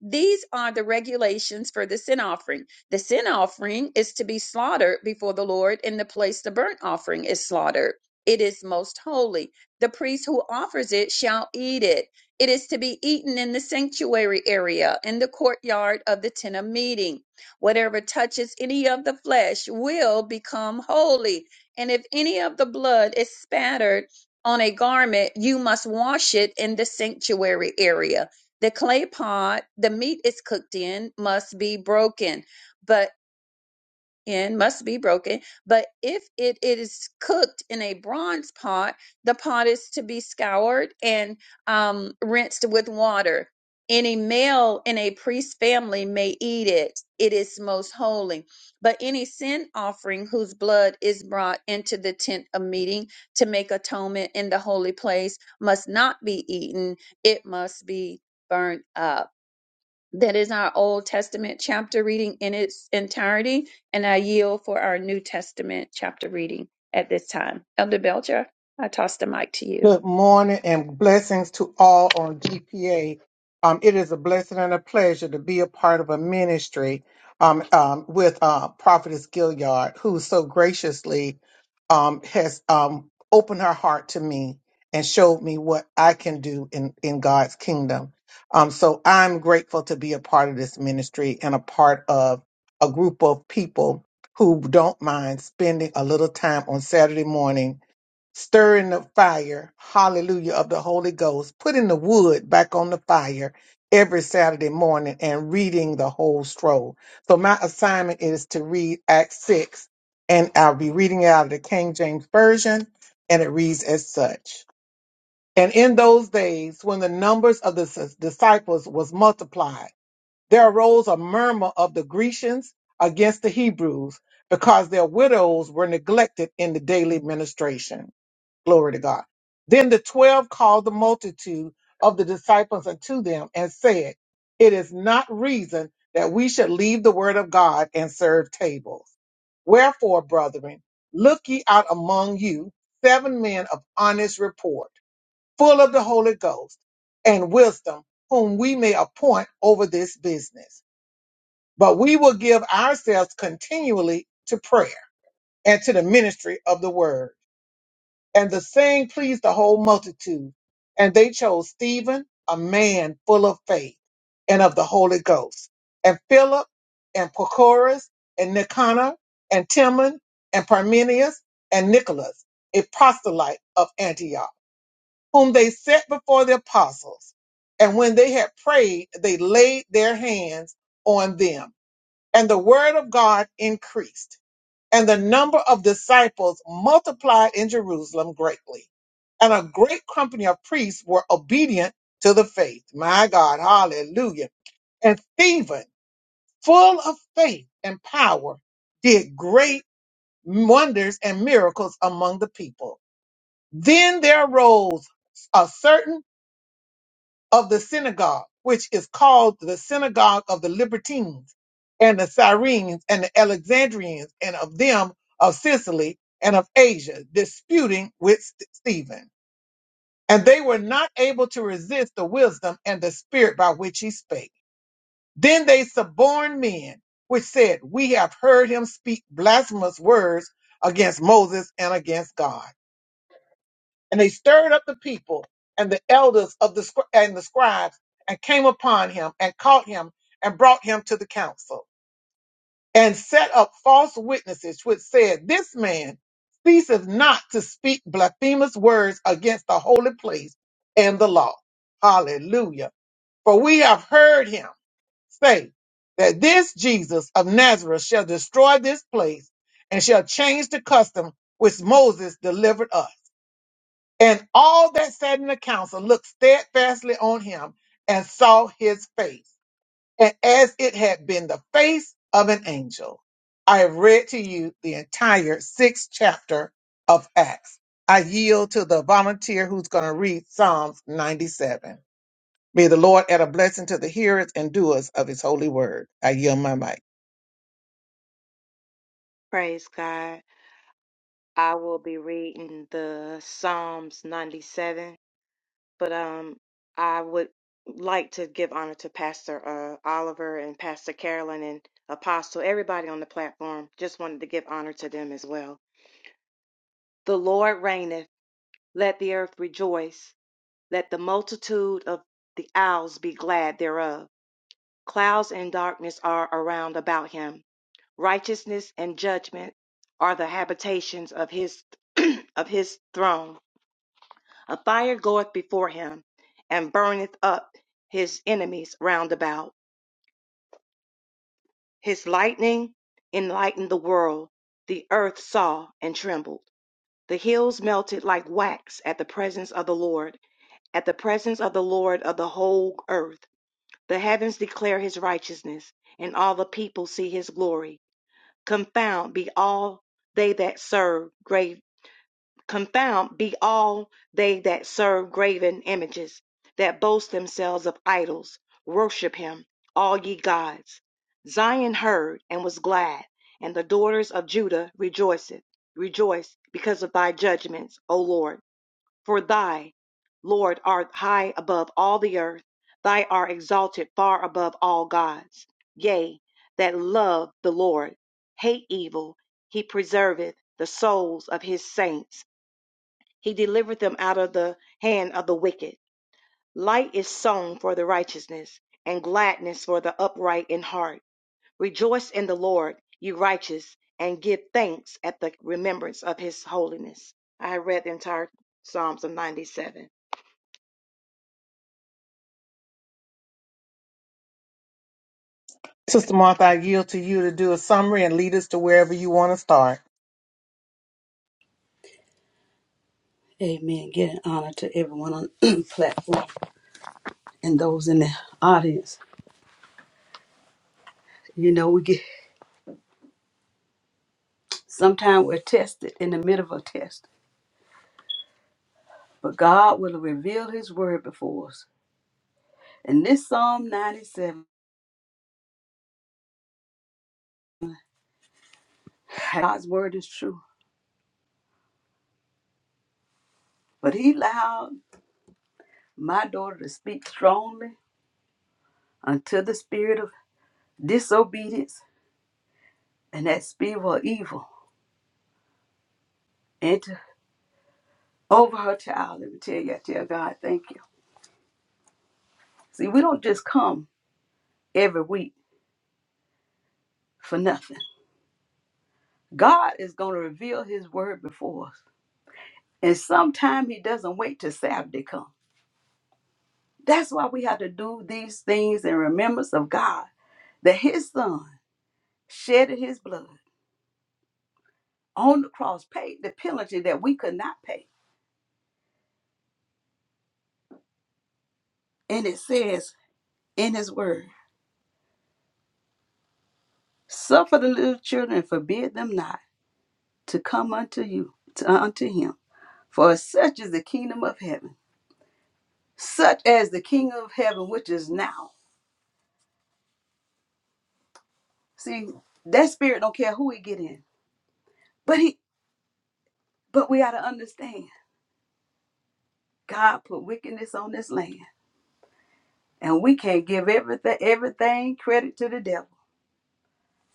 Speaker 4: these are the regulations for the sin offering. The sin offering is to be slaughtered before the Lord in the place the burnt offering is slaughtered. It is most holy. The priest who offers it shall eat it. It is to be eaten in the sanctuary area, in the courtyard of the tent of meeting. Whatever touches any of the flesh will become holy. And if any of the blood is spattered on a garment, you must wash it in the sanctuary area the clay pot the meat is cooked in must be broken, but in must be broken. But if it is cooked in a bronze pot, the pot is to be scoured and um, rinsed with water. Any male in a priest's family may eat it. It is most holy. But any sin offering whose blood is brought into the tent of meeting to make atonement in the holy place must not be eaten. It must be burned up that is our Old Testament chapter reading in its entirety, and I yield for our New Testament chapter reading at this time. Elder Belcher, I toss the mic to you.
Speaker 1: Good morning and blessings to all on GPA. Um, it is a blessing and a pleasure to be a part of a ministry um, um, with uh, Prophetess who um, um, opened and showed me what I can do in, in them. Um, so I'm grateful to be a part of this ministry and a part of a group who here every old stroll. So my assignment is to read Act 6 and I'll be reading it out of the King James Version and it reads as such. And in those days, when the numbers of the s- disciples was multiplied, there arose a murmur of the Grecians against the Hebrews because their widows were neglected in the daily ministration. Glory to God. Then the twelve called the multitude of the disciples unto them and said, It is not reason that we should leave the word of God and serve tables. Wherefore, brethren, look ye out among you seven men of honest report full of the Holy Ghost and wisdom, whom we may appoint over this business. But we will give ourselves continually to prayer and to the ministry of the word. And the saying pleased the whole multitude. And they chose Stephen, a man full of faith and of the Holy Ghost, and Philip, and Prochorus, and Nicanor, and Timon, and Parmenius, and Nicholas, a proselyte of Antioch whom they set before the apostles. And when they had prayed, they laid their hands on them. And the word of God increased. And the number of disciples multiplied in Jerusalem greatly. And a great company of priests were obedient to the faith. My God, hallelujah. And Stephen, full of faith and power, did great wonders and miracles among the people. Then there arose a certain of the synagogue, which is called the synagogue of the Libertines and the Cyrenians, and the Alexandrians and of them of Sicily and of Asia, disputing with St- Stephen. And they were not able to resist the wisdom and the spirit by which he spake. Then they suborned men, which said, We have heard him speak blasphemous words against Moses and against God. And they stirred up the people and the elders of the scri- and the scribes and came upon him and caught him and brought him to the council and set up false witnesses which said, this man ceaseth not to speak blasphemous words against the holy place and the law. Hallelujah. For we have heard him say that this Jesus of Nazareth shall destroy this place and shall change the custom which Moses delivered us and all that sat in the council looked steadfastly on him and saw his face, and as it had been the face of an angel. I have read to you the entire sixth chapter of Acts. I yield to the volunteer who's going to read Psalms 97. May the Lord add a blessing to the hearers and doers of his holy word. I yield my mic.
Speaker 3: Praise God. I will be reading the Psalms 97, but um, I would like to give honor to Pastor uh, Oliver and Pastor Carolyn and Apostle, everybody on the platform. Just wanted to give honor to them as well. The Lord reigneth, let the earth rejoice, let the multitude of the isles be glad thereof. Clouds and darkness are around about him righteousness and judgment are the habitations of his of his throne. A fire goeth before him and burneth up his enemies round about. His lightning enlightened the world. The earth saw and trembled. The hills melted like wax at the presence of the Lord, at the presence of the Lord of the whole earth. The heavens declare his righteousness, and all the people see his glory. Confound be all they that serve great confound be all they that serve graven images, that boast themselves of idols. Worship him, all ye gods. Zion heard and was glad, and the daughters of Judah rejoiceth. Rejoice because of thy judgments, O Lord. For thy, Lord, art high above all the earth. Thy art exalted far above all gods. Yea, that love the Lord, hate evil. He preserveth the souls of his saints he delivered them out of the hand of the wicked. Light is sown for the righteousness, and gladness for the upright in heart. Rejoice in the Lord, you righteous, and give thanks at the remembrance of his holiness. I read the entire Psalms of 97.
Speaker 1: Sister Martha, I yield to you to do a summary and lead us to wherever you want to start.
Speaker 2: Amen. Getting honor to everyone on the platform and those in the audience. You know, we get sometimes we're tested in the middle of a test, but God will reveal his word before us. And this Psalm 97, God's word is true. But he allowed my daughter to speak strongly unto the spirit of disobedience and that spirit of evil. and to- over her child. Let me tell you, I tell God, thank you. See, we don't just come every week for nothing. God is going to reveal His word before us, and sometimes He doesn't wait till Saturday come. That's why we have to do these things in remembrance of God, that His Son shedded His blood on the cross, paid the penalty that we could not pay. And it says in His word, "Suffer the little children, and forbid them not to come unto you, to, unto Him." For such is the kingdom of heaven, such as the king of heaven which is now. See, that spirit don't care who he get in. But he but we gotta understand God put wickedness on this land. And we can't give everything everything credit to the devil.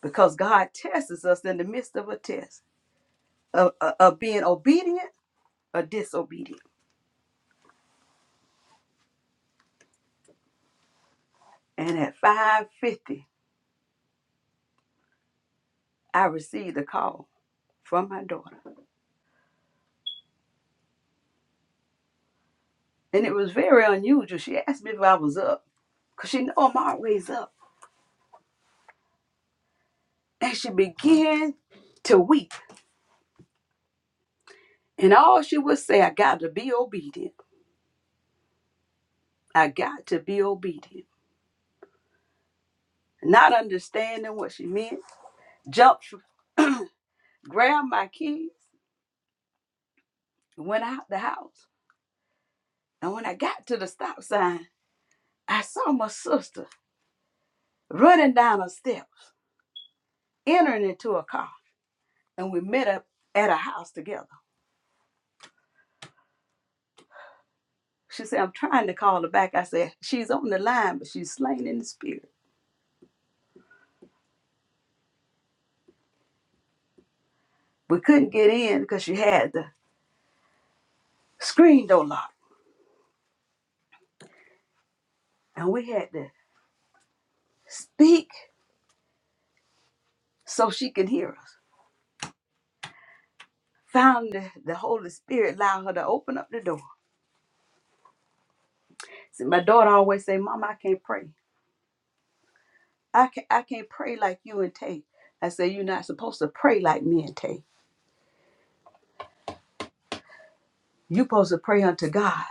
Speaker 2: Because God tests us in the midst of a test of, of, of being obedient or disobedient. And at 550, I received a call from my daughter. And it was very unusual. She asked me if I was up. Because she know I'm always up. and she began to weep. And all she would say, I got to be obedient. I got to be obedient. Not understanding what she meant, jumped, grabbed my keys, and went out the house. And when I got to the stop sign, I saw my sister running down her steps, entering into a car. And we met up at a house together. She said, I'm trying to call her back. I said, She's on the line, but she's slain in the spirit. We couldn't get in because she had the screen door locked. And we had to speak so she could hear us. Found the, the Holy Spirit allowed her to open up the door. See, my daughter always say, Mom, I can't pray. I can't, I can't pray like you and Tay. I say, you're not supposed to pray like me and Tay. you supposed to pray unto God.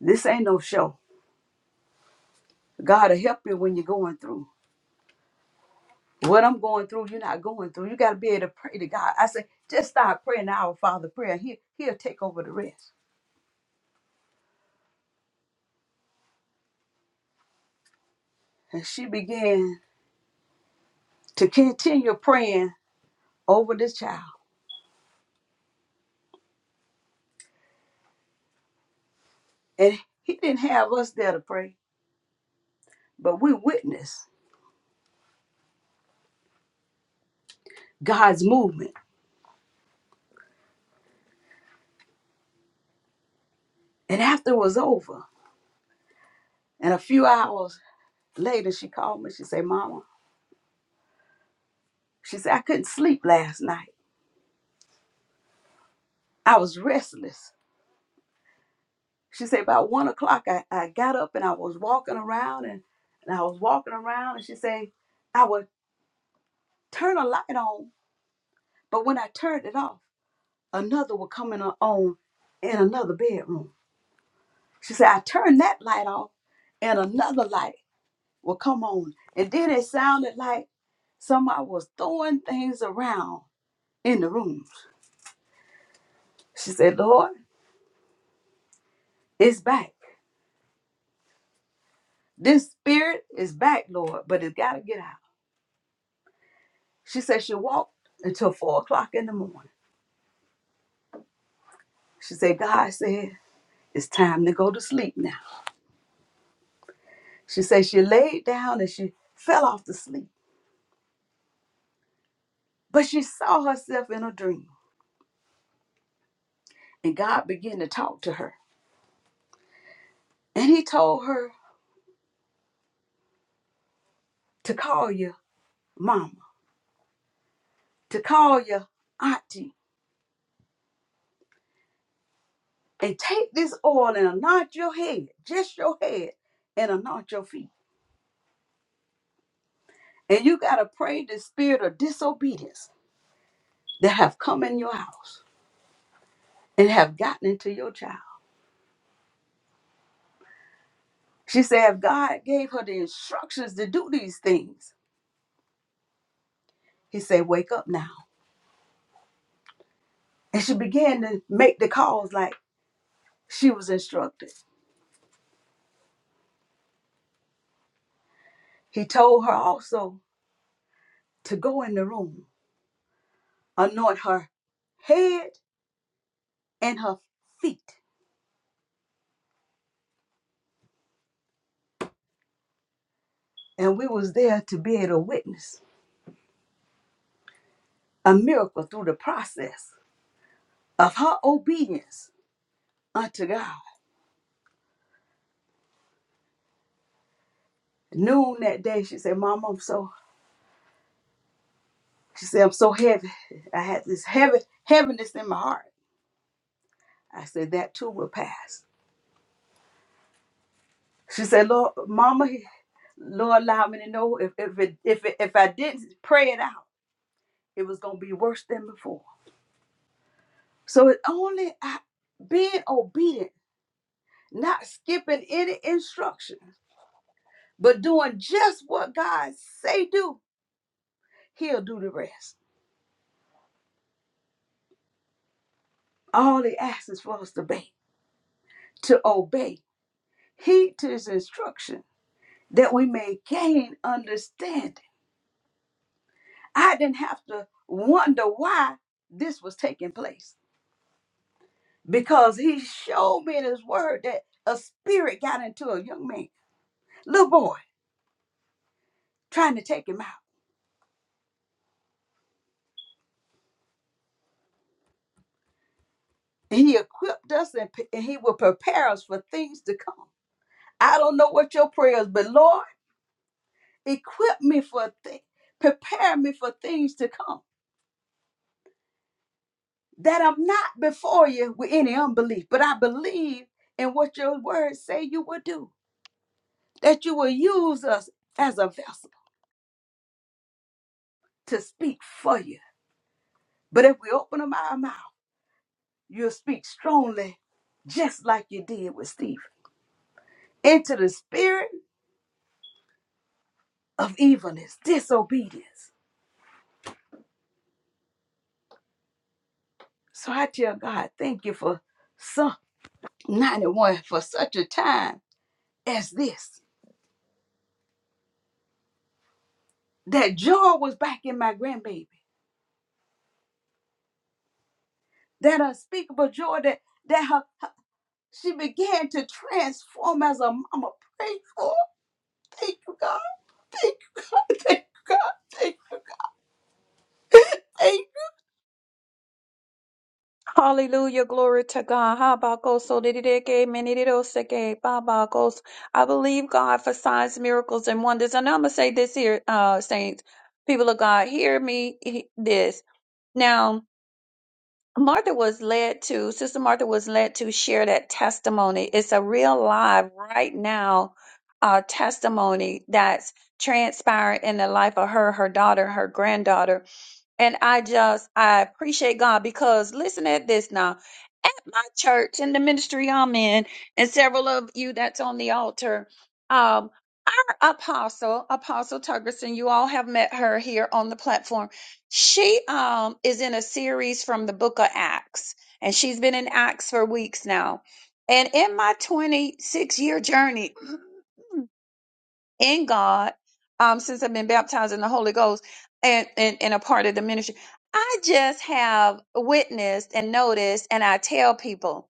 Speaker 2: This ain't no show. God will help you when you're going through. What I'm going through, you're not going through. You got to be able to pray to God. I say, just start praying the our Father prayer. He, he'll take over the rest. And she began to continue praying over this child. And he didn't have us there to pray, but we witnessed God's movement. And after it was over, and a few hours later, she called me. She said, Mama, she said, I couldn't sleep last night. I was restless. She said, about one o'clock, I, I got up and I was walking around and, and I was walking around. And she said, I would turn a light on, but when I turned it off, another would come in a- on in another bedroom. She said, I turned that light off and another light. Well, come on. And then it sounded like somebody was throwing things around in the room. She said, Lord, it's back. This spirit is back, Lord, but it's got to get out. She said she walked until four o'clock in the morning. She said, God said, it's time to go to sleep now. She said she laid down and she fell off to sleep, but she saw herself in a dream. And God began to talk to her. And He told her to call your mama, to call your auntie, and take this oil and anoint your head, just your head, and anoint your feet. And you got to pray the spirit of disobedience that have come in your house and have gotten into your child. She said, if God gave her the instructions to do these things, he said, wake up now. And she began to make the calls like she was instructed. He told her also to go in the room, anoint her head and her feet. And we was there to be able to witness a miracle through the process of her obedience unto God. Noon that day, she said, "Mama, I'm so, she said, I'm so heavy. I had this heavy, heaviness in my heart. I said, that too will pass. She said, Lord, Mama, Lord, allow me to know if, if, it, if, it, if I didn't pray it out, it was going to be worse than before. So it only I- being obedient, not skipping any instructions, but doing just what God say do, he'll do the rest. All he asks is for us to obey, to obey, heed to his instruction, that we may gain understanding. I didn't have to wonder why this was taking place because he showed me in his word that a spirit got into a young man, little boy, trying to take him out. And he equipped us and, p- and he will prepare us for things to come. I don't know what your prayers, but Lord, equip me for things, prepare me for things to come. that I'm not before you with any unbelief, but I believe in what your words say you will do, that you will use us as a vessel to speak for you. But if we open up our mouth, you'll speak strongly, just like you did with Stephen, into the spirit of evilness, disobedience. So I tell God, thank you for Psalm 91 for such a time as this. That joy was back in my grandbaby, that unspeakable joy that that her She began to transform as a mama. Pray for Thank you, God. Thank you, God. Thank you, God. Thank you. Thank
Speaker 4: Hallelujah, glory to God. Habakos, odidideke, menidoseke, babakos. I believe God for signs, miracles, and wonders. And I'm gonna say this here, uh, saints, people of God, hear me he- this. Now, Martha was led to, Sister Martha was led to share that testimony. It's a real live right now uh, testimony that's transpiring in the life of her, her daughter, her granddaughter. And I just, I appreciate God because listen at this now. At my church in the ministry I'm in, and several of you that's on the altar, um, our apostle, Apostle Tuggerson, you all have met her here on the platform. She um is in a series from the book of Acts, and she's been in Acts for weeks now. And in my 26 year journey, in God um, since I've been baptized in the Holy Ghost and, and, and a part of the ministry. I just have witnessed and noticed, and I tell people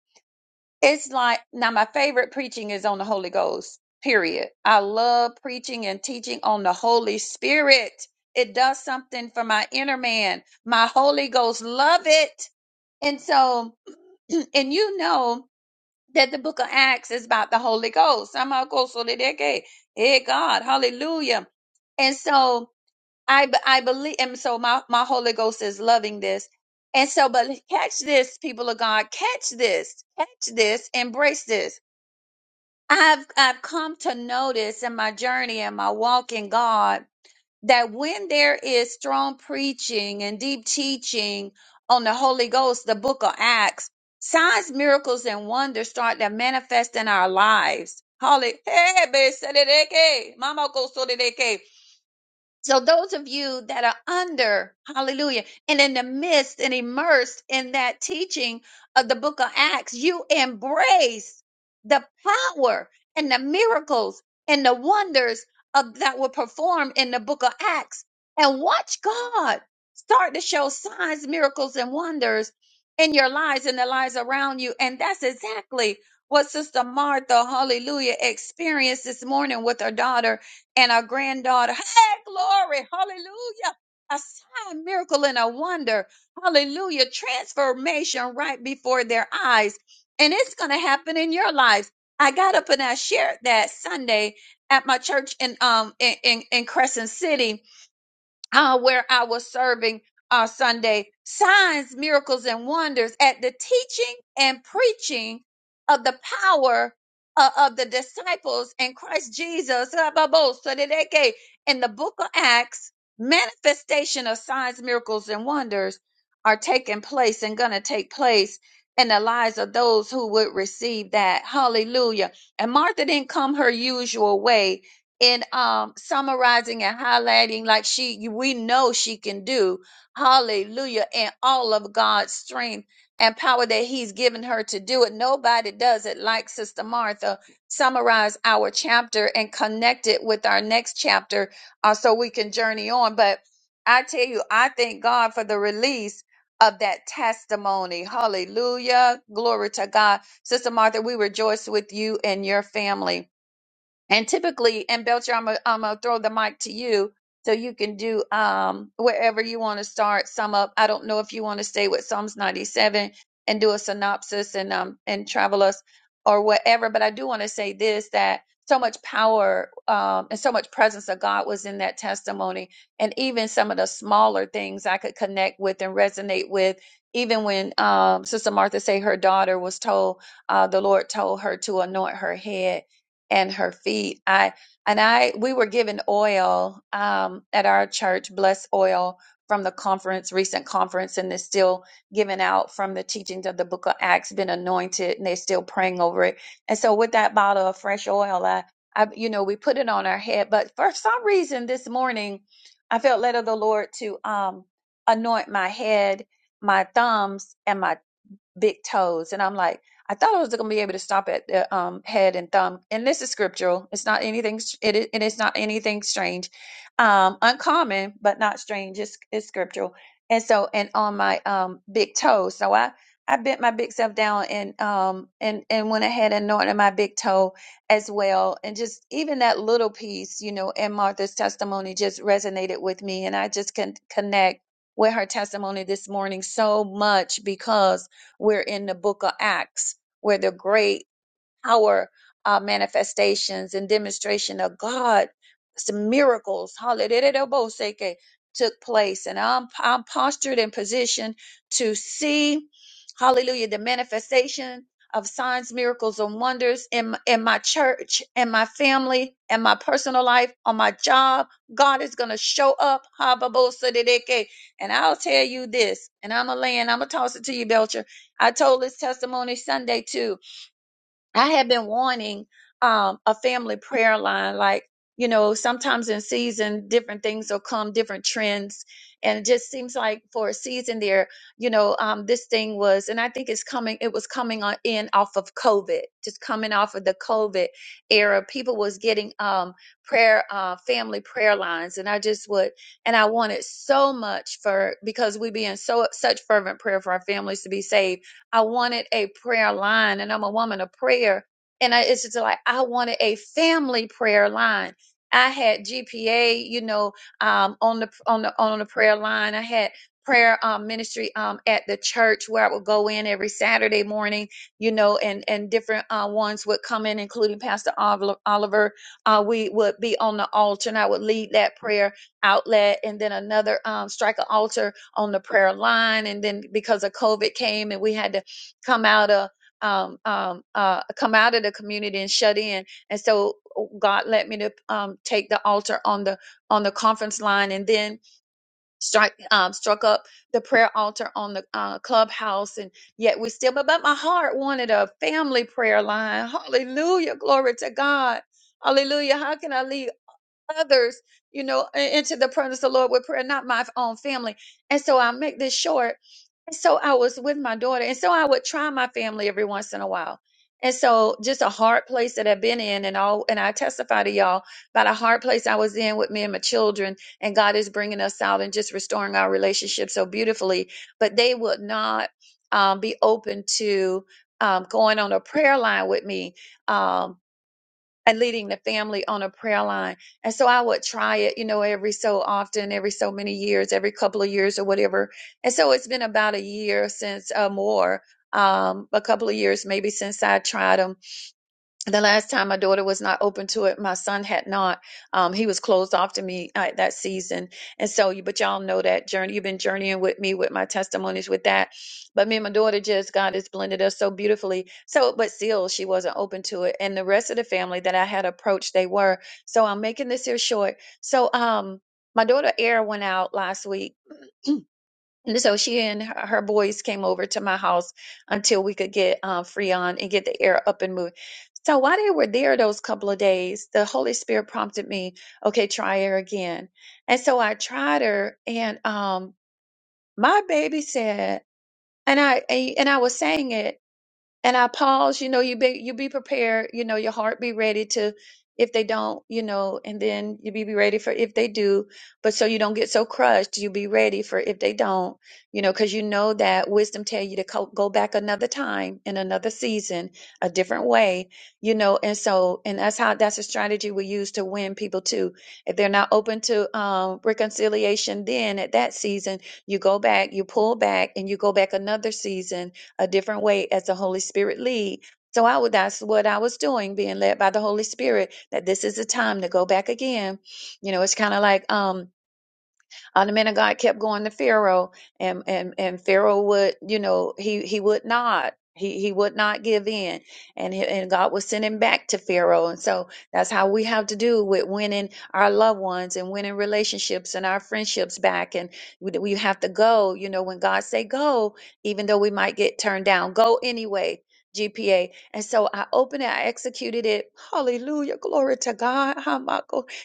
Speaker 4: it's like now my favorite preaching is on the Holy Ghost, period. I love preaching and teaching on the Holy Spirit. It does something for my inner man. My Holy Ghost love it. And so, and you know, that the book of Acts is about the Holy Ghost. Samakosolideke. Hey God, hallelujah. And so I b- I believe and so my, my Holy Ghost is loving this. And so, but catch this, people of God, catch this, catch this, embrace this. I've I've come to notice in my journey and my walk in God that when there is strong preaching and deep teaching on the Holy Ghost, the book of Acts, signs, miracles, and wonders start to manifest in our lives. Holy, hey, be- sededeke, mama go sededeke. So those of you that are under, hallelujah, and in the midst and immersed in that teaching of the book of Acts, you embrace the power and the miracles and the wonders of that were performed in the book of Acts and watch God start to show signs, miracles, and wonders in your lives and the lives around you. And that's exactly what Sister Martha, hallelujah, experienced this morning with her daughter and our granddaughter. Hey, glory, hallelujah. A sign, miracle, and a wonder. Hallelujah. Transformation right before their eyes. And it's going to happen in your lives. I got up and I shared that Sunday at my church in um in, in, in Crescent City uh, where I was serving uh, Sunday, signs, miracles, and wonders at the teaching and preaching of the power uh, of the disciples and Christ Jesus Rababo-sadideke, in the book of Acts. Manifestation of signs, miracles, and wonders are taking place and going to take place in the lives of those who would receive that. Hallelujah. And Martha didn't come her usual way in um summarizing and highlighting like she you- we know she can do hallelujah and all of god's strength and power that he's given her to do it nobody does it like sister martha summarize our chapter and connect it with our next chapter uh, so we can journey on but i tell you i thank god for the release of that testimony hallelujah glory to god sister martha we rejoice with you and your family and typically, and Belcher, I'm gonna I'm gonna throw the mic to you so you can do um wherever you want to start, sum up. I don't know if you want to stay with Psalms 97 and do a synopsis and um and travel us or whatever, but I do want to say this that so much power um, and so much presence of God was in that testimony. And even some of the smaller things I could connect with and resonate with. Even when um, Sister Martha say her daughter was told, uh, the Lord told her to anoint her head and her feet. I and I we were given oil um, at our church, blessed oil from the conference, recent conference, and they're still giving out from the teachings of the Book of Acts, been anointed, and they're still praying over it. And so with that bottle of fresh oil, I, I you know we put it on our head. But for some reason this morning, I felt led of the Lord to um, anoint my head, my thumbs, and my big toes. And I'm like, I thought I was going to be able to stop at the um, head and thumb. And this is scriptural. It's not anything. s- It is, it is not anything strange, um, uncommon, but not strange. It's, it's scriptural. And so, and on my um, big toe. So I, I bent my big self down and um and and went ahead and anointed my big toe as well. And just even that little piece, you know, and Martha's testimony just resonated with me. And I just can connect with her testimony this morning so much because we're in the book of Acts where the great our uh, manifestations and demonstration of God, some miracles, hallelujah, took place. And I'm, I'm postured and positioned to see, hallelujah, the manifestation of signs, miracles, and wonders in, in my church, in my family, in my personal life, on my job. God is going to show up. hababosodideke. And I'll tell you this, and I'm going to land, I'm going to toss it to you, Belcher. I told this testimony Sunday too I have been wanting um, a family prayer line. Like, you know, sometimes in season, different things will come, different trends. And it just seems like for a season there, you know, um, this thing was, and I think it's coming, it was coming on in off of COVID, just coming off of the COVID era. People was getting um, prayer, uh, family prayer lines. And I just would, and I wanted so much for, because we be in so, such fervent prayer for our families to be saved I wanted a prayer line, and I'm a woman of prayer. And I, it's just like I wanted a family prayer line. I had GPA, you know, um, on the on the on the prayer line. I had prayer um, ministry um, at the church where I would go in every Saturday morning, you know, and and different uh, ones would come in, including Pastor Oliver. Oliver. Uh, we would be on the altar, and I would lead that prayer outlet, and then another um, strike an altar on the prayer line. And then because of COVID came, and we had to come out of um, um, uh, come out of the community and shut in. And so uh, God led me to um, take the altar on the on the conference line, and then strike um, struck up the prayer altar on the uh, clubhouse. And yet we still, but, but my heart wanted a family prayer line. Hallelujah, glory to God. Hallelujah. How can I leave? others, you know, i- into the presence of the Lord with prayer, not my own family. And so I'll make this short. And so I was with my daughter. And so I would try my family every once in a while. And so just a hard place that I've been in and all and I testify to y'all about a hard place I was in with me and my children and God is bringing us out and just restoring our relationship so beautifully but they would not um, be open to um, going on a prayer line with me Um, and leading the family on a prayer line. And so I would try it, you know, every so often, every so many years, every couple of years or whatever. And so it's been about a year since uh, more, um, a couple of years maybe since I tried them the last time my daughter was not open to it my son had not um, he was closed off to me uh, that season and so you but y'all know that journey you've been journeying with me with my testimonies with that but me and my daughter just god has blended us so beautifully so but still she wasn't open to it and the rest of the family that i had approached they were so i'm making this here short so um my daughter air went out last week and so she and her her boys came over to my house until we could get uh, Freon and get the air up and moving. So while they were there those couple of days, the Holy Spirit prompted me, okay, try her again. And so I tried her, and um, my baby said, and I and I was saying it and I pause, you know, you be you be prepared, you know, your heart be ready to if they don't, you know, and then you be, be ready for if they do, but so you don't get so crushed, you be ready for if they don't, you know, because you know that wisdom tell you to co- go back another time in another season, a different way, you know, and so and that's how that's a strategy we use to win people too. If they're not open to um, reconciliation, then at that season you go back, you pull back, and you go back another season a different way as the Holy Spirit lead. So I would that's what I was doing, being led by the Holy Spirit, that this is the time to go back again. You know, it's kind of like um uh, the man of God kept going to Pharaoh, and and and Pharaoh would, you know, he he would not. He, he would not give in and he, and God would send him back to Pharaoh and so that's how we have to do with winning our loved ones and winning relationships and our friendships back and we, we have to go you know when God say go even though we might get turned down go anyway GPA and so I opened it I executed it hallelujah glory to God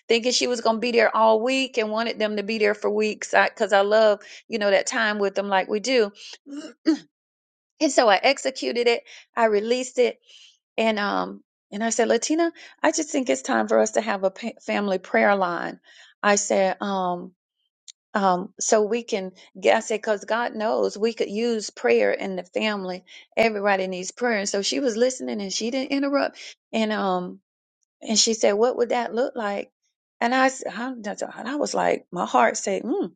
Speaker 4: thinking she was going to be there all week and wanted them to be there for weeks because I, 'cause I love, you know, that time with them like we do. And so I executed it, I released it, and um and I said, "Latina, I just think it's time for us to have a pa- family prayer line." I said, um um, so we can, I said, because God knows we could use prayer in the family. Everybody needs prayer. And so she was listening and she didn't interrupt. And, um, and she said, What would that look like? And I, s- I d- d- and I was like, my heart said, mm.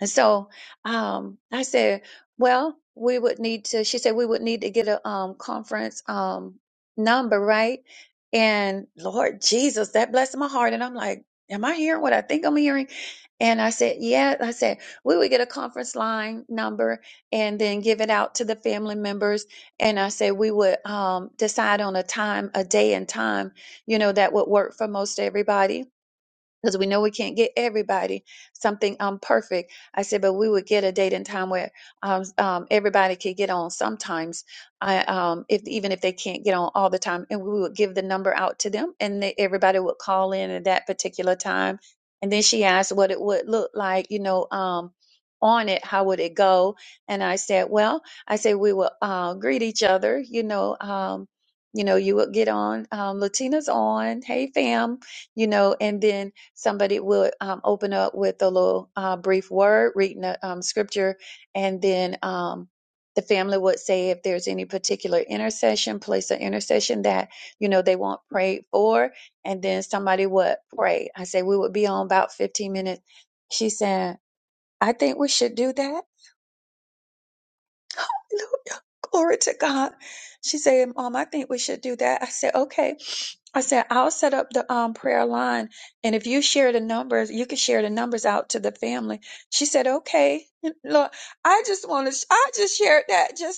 Speaker 4: And so um, I said, Well, we would need to, she said, we would need to get a um, conference um, number, right? And Lord Jesus, that blessed my heart. And I'm like, Am I hearing what I think I'm hearing? And I said, Yeah. I said, We would get a conference line number and then give it out to the family members. And I said, We would um, decide on a time, a day and time you know, that would work for most everybody because we know we can't get everybody something um perfect. I said, but we would get a date and time where um, um everybody could get on sometimes. I um if even if they can't get on all the time, and we would give the number out to them, and they, everybody would call in at that particular time. And then she asked what it would look like, you know, um on it how would it go and i said well i said we will uh, greet each other you know um you know you would get on um, latinas on hey fam you know and then somebody will um, open up with a little uh, brief word, reading a um, scripture, and then um, the family would say if there's any particular intercession, place of intercession that you know they want prayed for, and then somebody would pray. I say we would be on about 15 minutes. She's saying, I think we should do that. Hallelujah. Glory to God. She said, Mom, I think we should do that. I said, okay. I said, I'll set up the um, prayer line. And if you share the numbers, you can share the numbers out to the family. She said, okay. Lord, I just want to, I just shared that. Just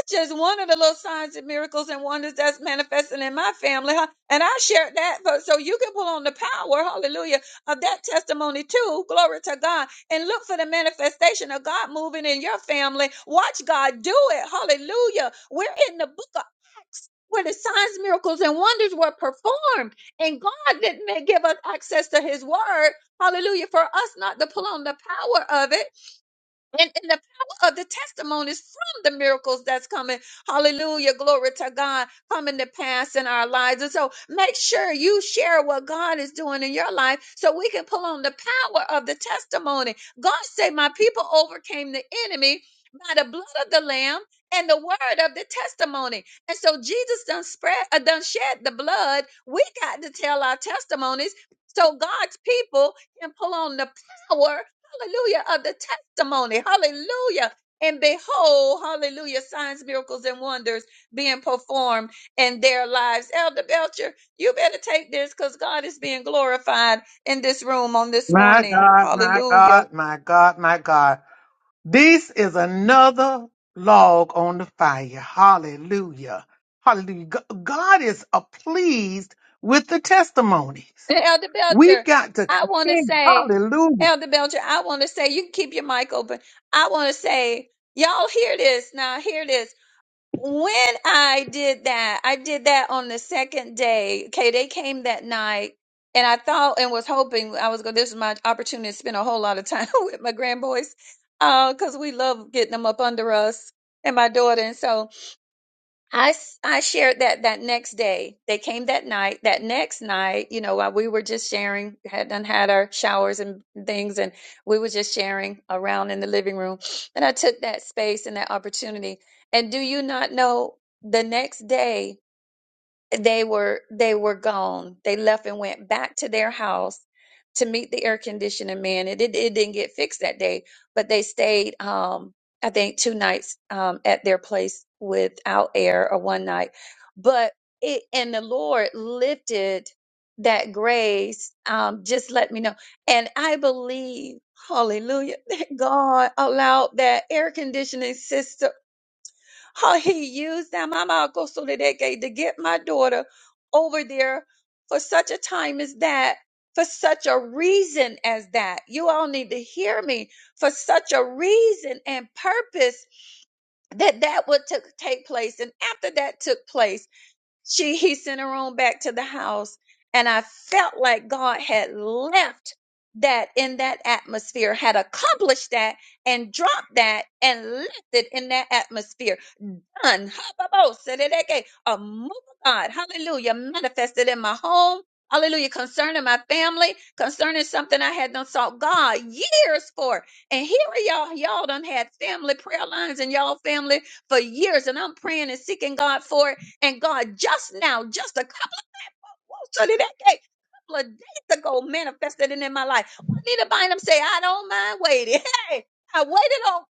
Speaker 4: just one of the little signs and miracles and wonders that's manifesting in my family. Huh? And I shared that but so you can pull on the power, hallelujah, of that testimony too. Glory to God. And look for the manifestation of God moving in your family. Watch God do it. Hallelujah. We're in the book of where the signs, miracles, and wonders were performed, and God didn't give us access to His Word, Hallelujah, for us not to pull on the power of it. And, and the power of the testimonies from the miracles that's coming. Hallelujah. Glory to God coming to pass in our lives. And so make sure you share what God is doing in your life so we can pull on the power of the testimony. God said, My people overcame the enemy by the blood of the Lamb and the word of the testimony. And so Jesus done spread uh, done shed the blood. We got to tell our testimonies so God's people can pull on the power hallelujah, of the testimony, hallelujah. And behold, hallelujah, signs, miracles, and wonders being performed in their lives. Elder Belcher, you better take this because God is being glorified in this room on this
Speaker 1: My
Speaker 4: morning.
Speaker 1: God, my
Speaker 4: Hallelujah.
Speaker 1: God, my God, my God. This is another log on the fire. Hallelujah. Hallelujah. G- God is uh, pleased with the testimonies.
Speaker 4: And Elder
Speaker 1: We've
Speaker 4: Belcher,
Speaker 1: got to
Speaker 4: I want to
Speaker 1: continue.
Speaker 4: say,
Speaker 1: Hallelujah.
Speaker 4: Elder Belcher, I want to say, you can keep your mic open. I want to say, y'all hear this now, hear this. when I did that, I did that on the second day. Okay, they came that night, and I thought and was hoping I was going. This is my opportunity to spend a whole lot of time with my grandboys, uh, because we love getting them up under us and my daughter, and so. I, s- I shared that that next day. They came that night. That next night, you know, while we were just sharing, had done had our showers and things, and we were just sharing around in the living room. And I took that space and that opportunity. And do you not know the next day? they were they were gone. They left and went back to their house to meet the air conditioning man. It it, it didn't get fixed that day, but they stayed um I think two nights um at their place without air or one night. But it and the Lord lifted that grace um just let me know. And I believe Hallelujah that God allowed that air conditioning system how he used them Amako, so that to get my daughter over there for such a time as that, for such a reason as that. You all need to hear me for such a reason and purpose that that would took take place. And after that took place, she he sent her on back to the house, and I felt like God had left that in that atmosphere, had accomplished that and dropped that and left it in that atmosphere done. Ha-ba-bo-se-de-de-ke. A move of God, hallelujah, manifested in my home. Hallelujah, concerning my family, concerning something I had not sought God years for. And here are y'all, y'all done had family prayer lines and y'all family for years, and I'm praying and seeking God for it. And God just now, just a so did that cake a couple of days ago manifested it in my life. Juanita Bynum say, I don't mind waiting. Hey, I waited on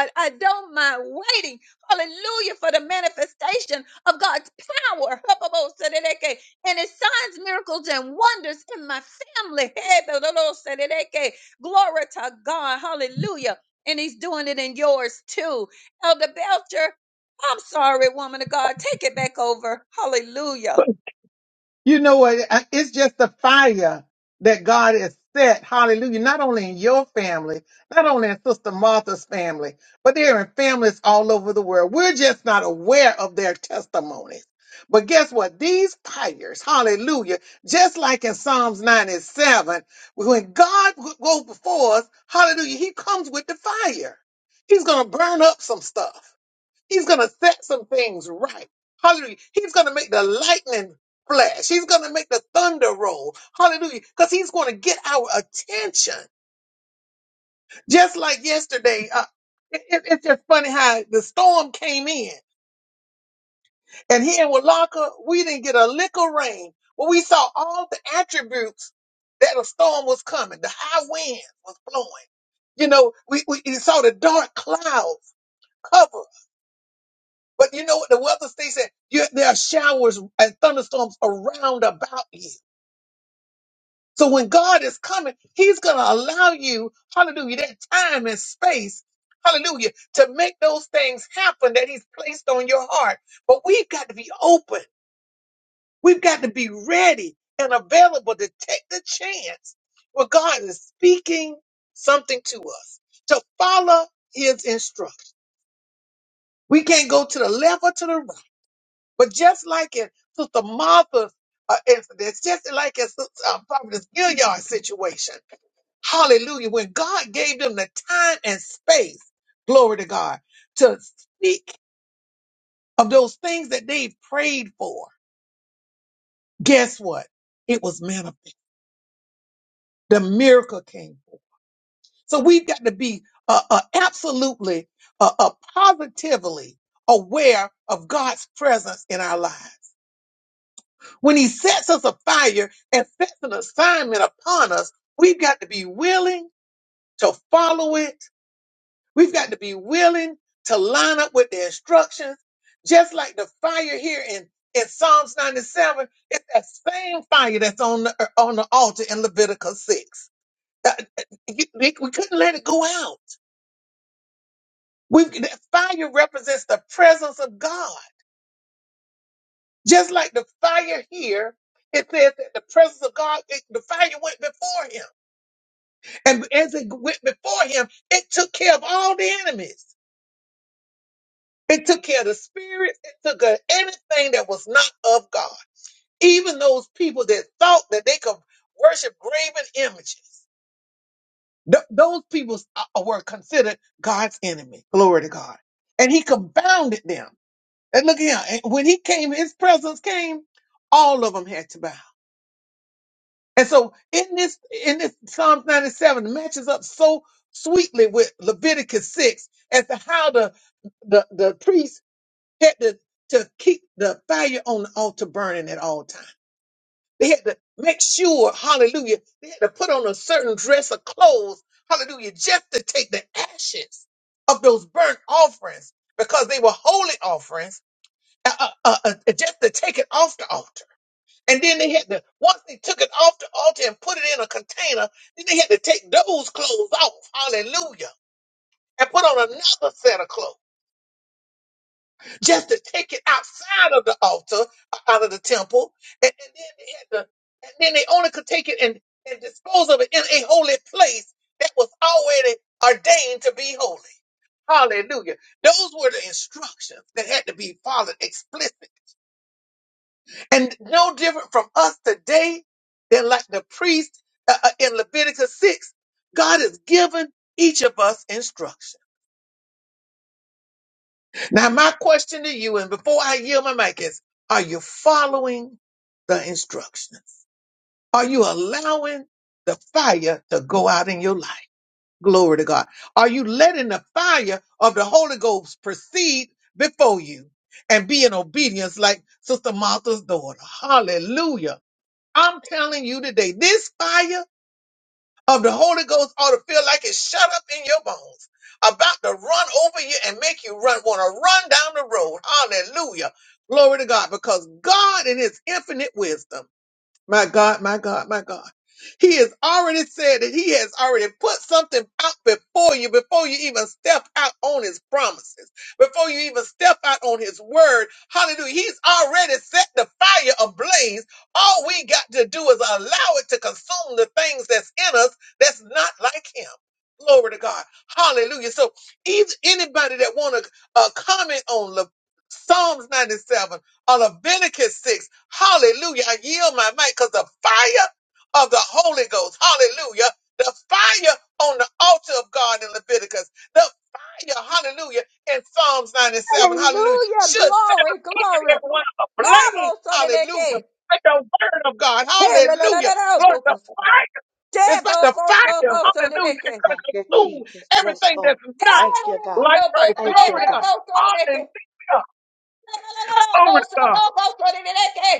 Speaker 4: God. I don't mind waiting. Hallelujah for the manifestation of God's power. Habakkuk. And his signs, miracles, and wonders in my family. Habakkuk. Glory to God. Hallelujah. And he's doing it in yours too. Elder Belcher, I'm sorry, woman of God. Take it back over. Hallelujah.
Speaker 1: You know what? I- It's just the fire that God has set, hallelujah, not only in your family, not only in Sister Martha's family, but they're in families all over the world. We're just not aware of their testimonies. But guess what? These fires, hallelujah, just like in Psalms 97, when God w- goes before us, hallelujah, he comes with the fire. He's going to burn up some stuff. He's going to set some things right. Hallelujah. He's going to make the lightning flash. He's going to make the thunder roll. Hallelujah. Because he's going to get our attention. Just like yesterday, uh, it, it- it's just funny how the storm came in. And here in Walaka, we didn't get a lick of rain. But we saw all the attributes that a storm was coming. The high wind was blowing. You know, we, we you saw the dark clouds covering. But you know what the weather state said? You, there are showers and thunderstorms around about you. So when God is coming, He's going to allow you, hallelujah, that time and space, hallelujah, to make those things happen that He's placed on your heart. But we've got to be open. We've got to be ready and available to take the chance when God is speaking something to us, to follow His instruction. We can't go to the left or to the right. But just like in Sister Martha's uh, incident, just like in Sister uh, Prophetess Gilliard's situation, hallelujah, when God gave them the time and space, glory to God, to speak of those things that they prayed for, guess what? It was manifest. The miracle came. forth. So we've got to be uh, uh, absolutely, uh, uh, positively aware of God's presence in our lives. When he sets us afire and sets an assignment upon us, we've got to be willing to follow it. We've got to be willing to line up with the instructions. Just like the fire here in, in Psalms 97, it's that same fire that's on the, on the altar in Leviticus 6. Uh, uh, you- We we couldn't let it go out. We, that fire represents the presence of God. Just like the fire here, it says that the presence of God, it- the fire went before him. And as it went before him, it took care of all the enemies. It took care of the spirits. It took care of anything that was not of God. Even those people that thought that they could worship graven images. Th- those people uh, uh, were considered God's enemy. Glory to God. And he confounded them. And look here, and when he came, his presence came, all of them had to bow. And so in this in this Psalms 97 matches up so sweetly with Leviticus 6 as to how the the, the priests had to, to keep the fire on the altar burning at all times. They had to make sure, hallelujah, they had to put on a certain dress of clothes, hallelujah, just to take the ashes of those burnt offerings because they were holy offerings, uh, uh, uh, uh, just to take it off the altar. And then they had to, once they took it off the altar and put it in a container, then they had to take those clothes off. Hallelujah. And put on another set of clothes just to take it outside of the altar, uh, out of the temple. And, and then they had to, and then they only could take it and, and dispose of it in a holy place that was already ordained to be holy. Hallelujah. Those were the instructions that had to be followed explicitly. And no different from us today than like the priest uh, uh, in Leviticus 6, God has given each of us instruction. Now, my question to you, and before I yield my mic, is are you following the instructions? Are you allowing the fire to go out in your life? Glory to God. Are you letting the fire of the Holy Ghost proceed before you and be in obedience like Sister Martha's daughter? Hallelujah. I'm telling you today, this fire of the Holy Ghost ought to feel like it's shut up in your bones, about to run over you and make you run, want to run down the road. Hallelujah. Glory to God, because God in his infinite wisdom my God, my God, my God. He has already said that he has already put something out before you, before you even step out on his promises, before you even step out on his word. Hallelujah. He's already set the fire ablaze. All we got to do is allow it to consume the things that's in us that's not like him. Glory to God. Hallelujah. So, either anybody that want to uh, comment on Le- Psalms 97 of Leviticus 6. Hallelujah. I yield my mic because the fire of the Holy Ghost. Hallelujah. The fire on the altar of God in Leviticus. The fire, hallelujah, in Psalms 97. Hallelujah.
Speaker 4: Hallelujah.
Speaker 1: Should set
Speaker 4: Glory,
Speaker 1: us each and
Speaker 4: glory.
Speaker 1: every one
Speaker 4: Mabo
Speaker 1: ablaze.
Speaker 4: so de
Speaker 1: Hallelujah.
Speaker 4: deke.
Speaker 1: Like the word of God.
Speaker 4: Hey, la la la la
Speaker 1: Hallelujah.
Speaker 4: la.
Speaker 1: Glory to
Speaker 4: Bocos.
Speaker 1: fire.
Speaker 4: Te
Speaker 1: It's like the
Speaker 4: bocos so
Speaker 1: fire.
Speaker 4: bo so de
Speaker 1: Hallelujah. It's
Speaker 4: deke.
Speaker 1: going to
Speaker 3: Thank you,
Speaker 4: Mm.
Speaker 1: consume
Speaker 3: Jesus. Yes,
Speaker 1: everything
Speaker 3: Lord.
Speaker 1: that's
Speaker 4: Hey,
Speaker 1: not
Speaker 3: Thank
Speaker 4: la la
Speaker 3: you,
Speaker 4: la
Speaker 3: God.
Speaker 1: like
Speaker 4: la. Bo
Speaker 1: Christ.
Speaker 4: se
Speaker 3: Thank you,
Speaker 1: Glory
Speaker 4: de
Speaker 1: to
Speaker 3: God.
Speaker 1: God.
Speaker 4: bo so de deke.
Speaker 1: Hallelujah.
Speaker 4: La la la la. Bo
Speaker 1: Glory to
Speaker 4: so
Speaker 1: God.
Speaker 4: bo bo so de deke.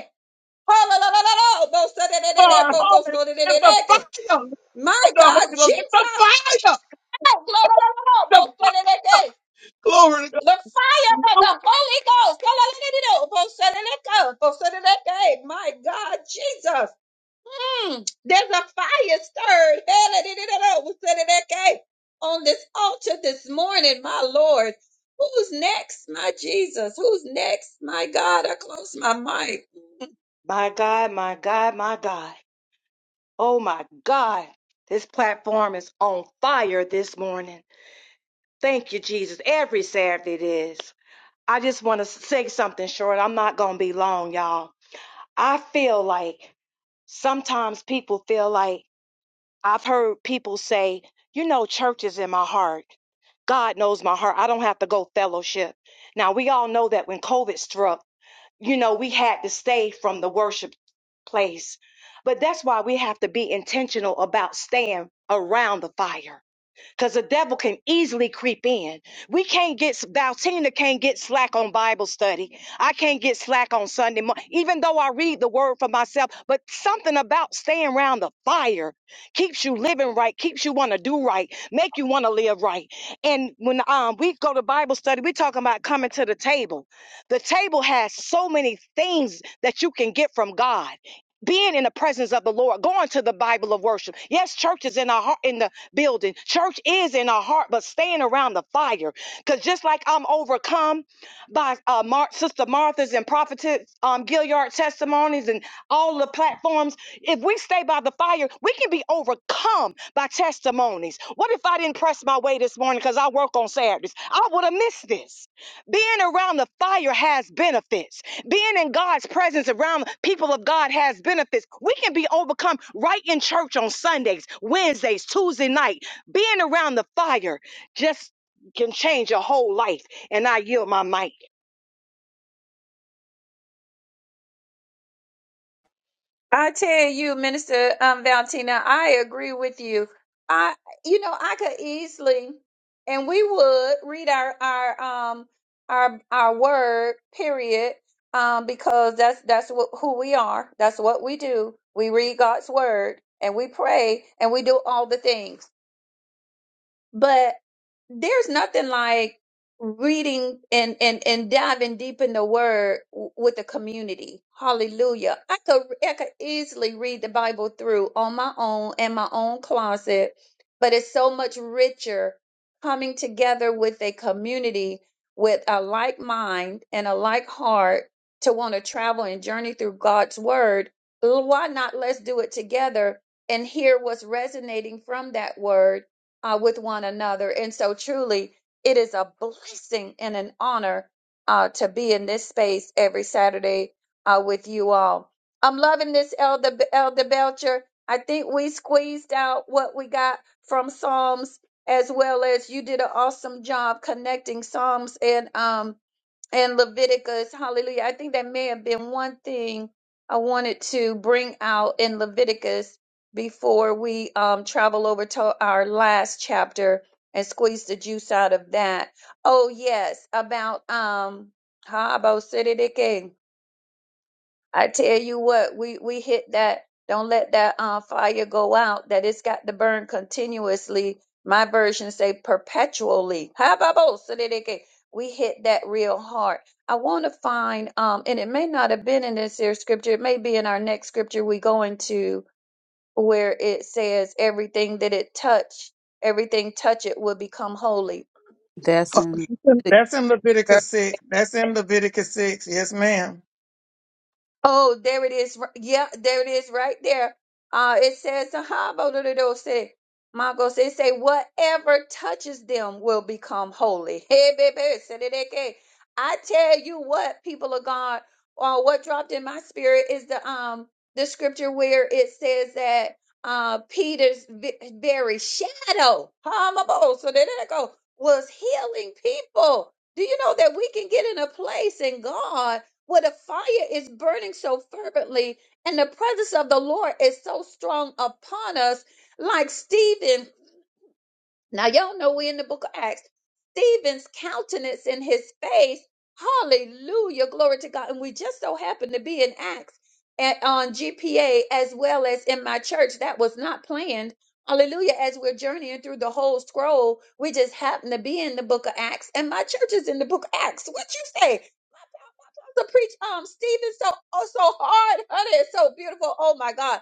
Speaker 4: Ha la la la la la. Bo so de de de
Speaker 1: Lord.
Speaker 4: de. Bocos
Speaker 1: Hallelujah.
Speaker 4: so de de
Speaker 1: The fire of
Speaker 4: de deke.
Speaker 1: the
Speaker 4: My God,
Speaker 1: Holy Ghost. It's the
Speaker 4: Jesus.
Speaker 1: fire.
Speaker 4: Hey, la la la la la.
Speaker 1: The
Speaker 4: Bo
Speaker 1: fire.
Speaker 4: so de deke.
Speaker 1: Glory to God.
Speaker 4: The fire of the Holy Ghost. La la la la la. la. Bo so de deke. Bo so de deke. My God, Jesus. Mm, there's a fire stirred Hallelujah. on this altar this morning, my Lord. Who's next, my Jesus? Who's next, my God? I close my mic.
Speaker 3: My God, my God, my God. Oh, my God. This platform is on fire this morning. Thank you, Jesus. Every Saturday it is. I just want to say something short. I'm not going to be long, y'all. I feel like sometimes people feel like I've heard people say, you know, church is in my heart. God knows my heart. I don't have to go fellowship. Now, we all know that when COVID struck, you know, we had to stay from the worship place. But that's why we have to be intentional about staying around the fire because the devil can easily creep in. We can't get, Valtina can't get slack on Bible study. I can't get slack on Sunday morning, even though I read the word for myself. But something about staying around the fire keeps you living right, keeps you want to do right, make you want to live right. And when um, we go to Bible study, we're talking about coming to the table. The table has so many things that you can get from God being in the presence of the Lord, going to the Bible of worship. Yes, church is in our heart, building. Church is in our heart, but staying around the fire. Because just like I'm overcome by uh, Mar- Sister Martha's and Prophetess um, Gilliard testimonies and all the platforms, if we stay by the fire, we can be overcome by testimonies. What if I didn't press my way this morning because I work on Saturdays? I would have missed this. Being around the fire has benefits. Being in God's presence around people of God has benefits. We can be overcome right in church on Sundays, Wednesdays, Tuesday night. Being around the fire just can change your whole life. And I yield my mic.
Speaker 4: I tell you, Minister um, Valentina, I agree with you. I, you know, I could easily, and we would read our our um our our word period, um, because that's that's what, who we are. That's what we do. We read God's word and we pray and we do all the things but there's nothing like reading and and and diving deep in the word w- with the community hallelujah i could i could easily read the bible through on my own in my own closet but it's so much richer coming together with a community with a like mind and a like heart to want to travel and journey through god's word why not let's do it together and hear what's resonating from that word uh, with one another. And so, truly, it is a blessing and an honor uh, to be in this space every Saturday uh, with you all. I'm loving this, Elder, Elder Belcher. I think we squeezed out what we got from Psalms, as well as you did an awesome job connecting Psalms and um, and Leviticus, hallelujah. I think that may have been one thing I wanted to bring out in Leviticus before we um, travel over to our last chapter and squeeze the juice out of that. Oh, yes, about um, Habo I tell you what, we we hit that. Don't let that uh, fire go out. That it's got to burn continuously. My version say perpetually. ha ba bo so that di can We hit that real hard. I want to find, um, and it may not have been in this here scripture. It may be in our next scripture we go into where it says everything that it touch, everything touch it will become holy
Speaker 2: And
Speaker 4: Oh, there it is. r- Yeah, there it is right there. Uh, it says, "Ahabo say, Magos, it say, whatever touches them will become holy. Hey, baby, Say that again. I tell you what, people of God, or what dropped in my spirit is the um the scripture where it says that uh Peter's vi- very shadow, Hamabo, so there it go. was healing people. Do you know that we can get in a place in God? where the fire is burning so fervently and the presence of the Lord is so strong upon us, like Stephen. Now, y'all know we in the book of Acts. Stephen's countenance in his face, hallelujah, glory to God. And we just so happened to be in Acts at, on GPA as well as in my church. That was not planned. Hallelujah. As we're journeying through the whole scroll, we just happened to be in the book of Acts, and my church is in the book of Acts. What you say? to preach um Stephen so oh so hard, honey. It's so beautiful. Oh my God.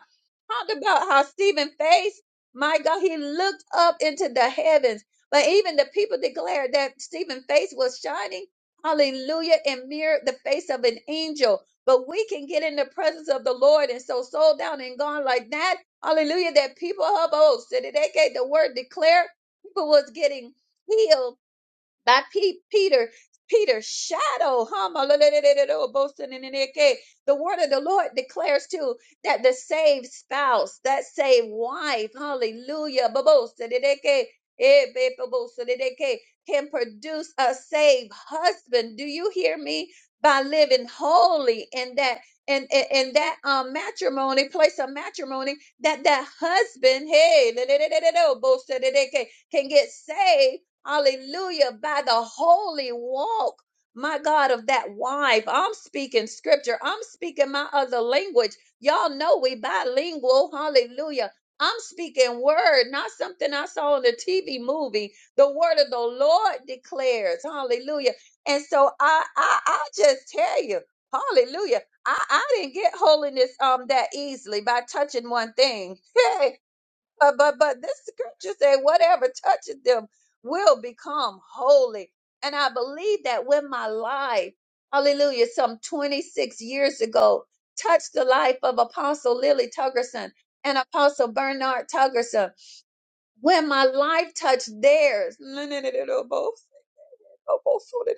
Speaker 4: Talked about how Stephen faced. My God, he looked up into the heavens. But even the people declared that Stephen's face was shining, hallelujah, and mirrored the face of an angel. But we can get in the presence of the Lord and so sold down and gone like that, hallelujah, that people of old, so that they gave the word declared, people was getting healed by P- Peter. Peter's shadow, hallelujah. the neck. The word of the Lord declares too that the saved spouse, that saved wife, hallelujah, boasting in the neck, eh, be- bo- boasting in the neck, can produce a saved husband. Do you hear me? By living holy in that in, in, in that um, matrimony, place of matrimony, that that husband, hey, la- la- la- la- la- la- boasting in the neck, can get saved Hallelujah. By the holy walk, my God, of that wife. I'm speaking scripture. I'm speaking my other language. Y'all know we bilingual. Hallelujah. I'm speaking word, not something I saw in the TV movie. The word of the Lord declares. Hallelujah. And so I I, I just tell you, hallelujah. I, I didn't get holiness um that easily by touching one thing. but but but this scripture said whatever touches them will become holy and i believe that when my life hallelujah some 26 years ago touched the life of apostle lily tuggerson and apostle bernard tuggerson when my life touched theirs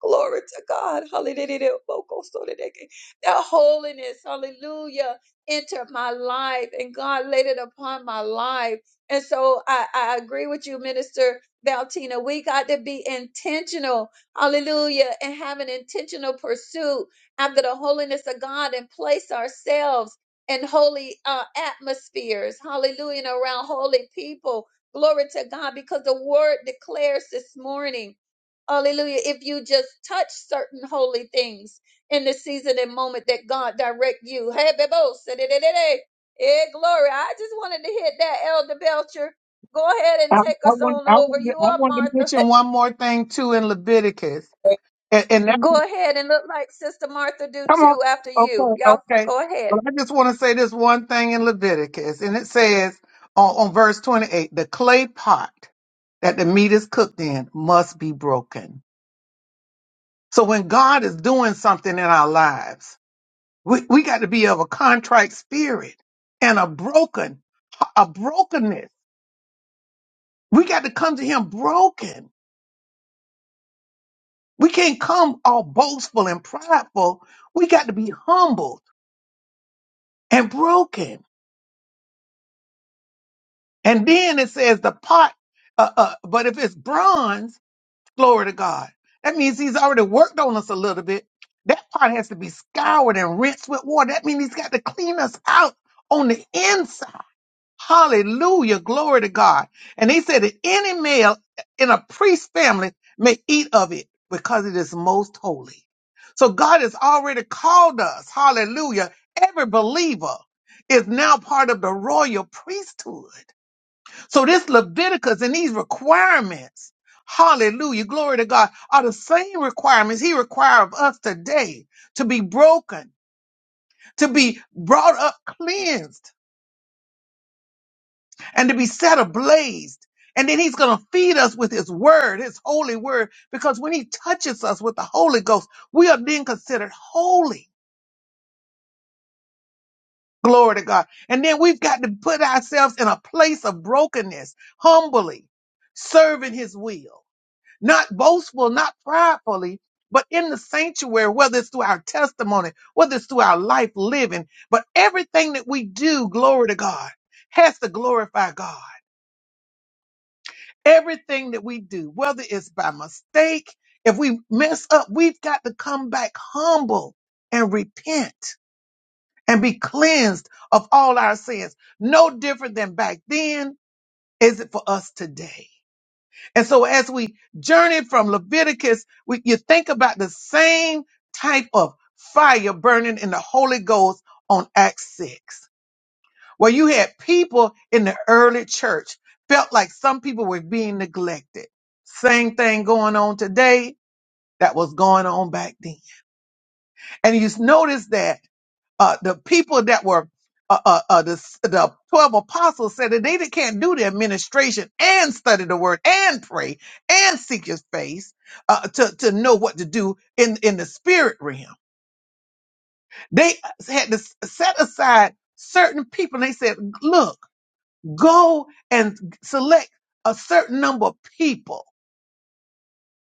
Speaker 4: Glory to God. Hallelujah. That holiness, hallelujah, entered my life and God laid it upon my life. And so I, I agree with you, Minister Valtina. We got to be intentional, hallelujah, and have an intentional pursuit after the holiness of God and place ourselves in holy uh, atmospheres, hallelujah, and around holy people. Glory to God, because the word declares this morning. Hallelujah. If you just touch certain holy things in the season and moment that God direct you. Hey, Bebo, say da, da, da, da. Eh, glory. I just wanted to hit that, Elder Belcher. Go ahead
Speaker 1: I,
Speaker 4: and
Speaker 1: I,
Speaker 4: take us
Speaker 1: want,
Speaker 4: on
Speaker 1: I,
Speaker 4: over.
Speaker 1: want, to-
Speaker 4: You
Speaker 1: I
Speaker 4: are
Speaker 1: want to
Speaker 4: Martha.
Speaker 1: mention one more thing too in Leviticus. And, and that,
Speaker 4: Go ahead and look like Sister Martha do
Speaker 1: come on.
Speaker 4: too after you.
Speaker 1: Okay,
Speaker 4: Y'all
Speaker 1: okay.
Speaker 4: go ahead.
Speaker 1: Well, I just want to say this one thing in Leviticus. And it says on, on verse 28 the clay pot that the meat is cooked in must be broken. So when God is doing something in our lives, We, we got to be of a contrite spirit and a broken, a brokenness. We got to come to him broken. We can't come all boastful and prideful. We got to be humbled and broken. And then it says the pot, uh, uh, but if it's bronze, glory to God. That means he's already worked on us a little bit. That pot has to be scoured and rinsed with water. That means he's got to clean us out on the inside Hallelujah. Glory to God. And he said that any male in a priest family may eat of it because it is most holy. So God has already called us. Hallelujah. Every believer is now part of the royal priesthood. So this Leviticus and these requirements, hallelujah, glory to God, are the same requirements he requires of us today to be broken, to be brought up cleansed and to be set ablaze. And then he's going to feed us with his word, his holy word, because when he touches us with the Holy Ghost, we are then considered holy. Glory to God. And then we've got to put ourselves in a place of brokenness, humbly serving his will, not boastful, not pridefully, but in the sanctuary, whether it's through our testimony, whether it's through our life living, but everything that we do, glory to God, has to glorify God. Everything that we do, whether it's by mistake, if we mess up, we've got to come back humble and repent and be cleansed of all our sins. No different than back then is it for us today. And so as we journey from Leviticus, we, you think about the same type of fire burning in the Holy Ghost on Acts 6 where you had people in the early church felt like some people were being neglected. Same thing going on today that was going on back then. And you notice that uh, the people that were uh, uh, uh, the, the 12 apostles said that they can't do the administration and study the word and pray and seek his face uh, to, to know what to do in, in the spirit realm. They had to set aside certain people. And they said, look, Go and select a certain number of people.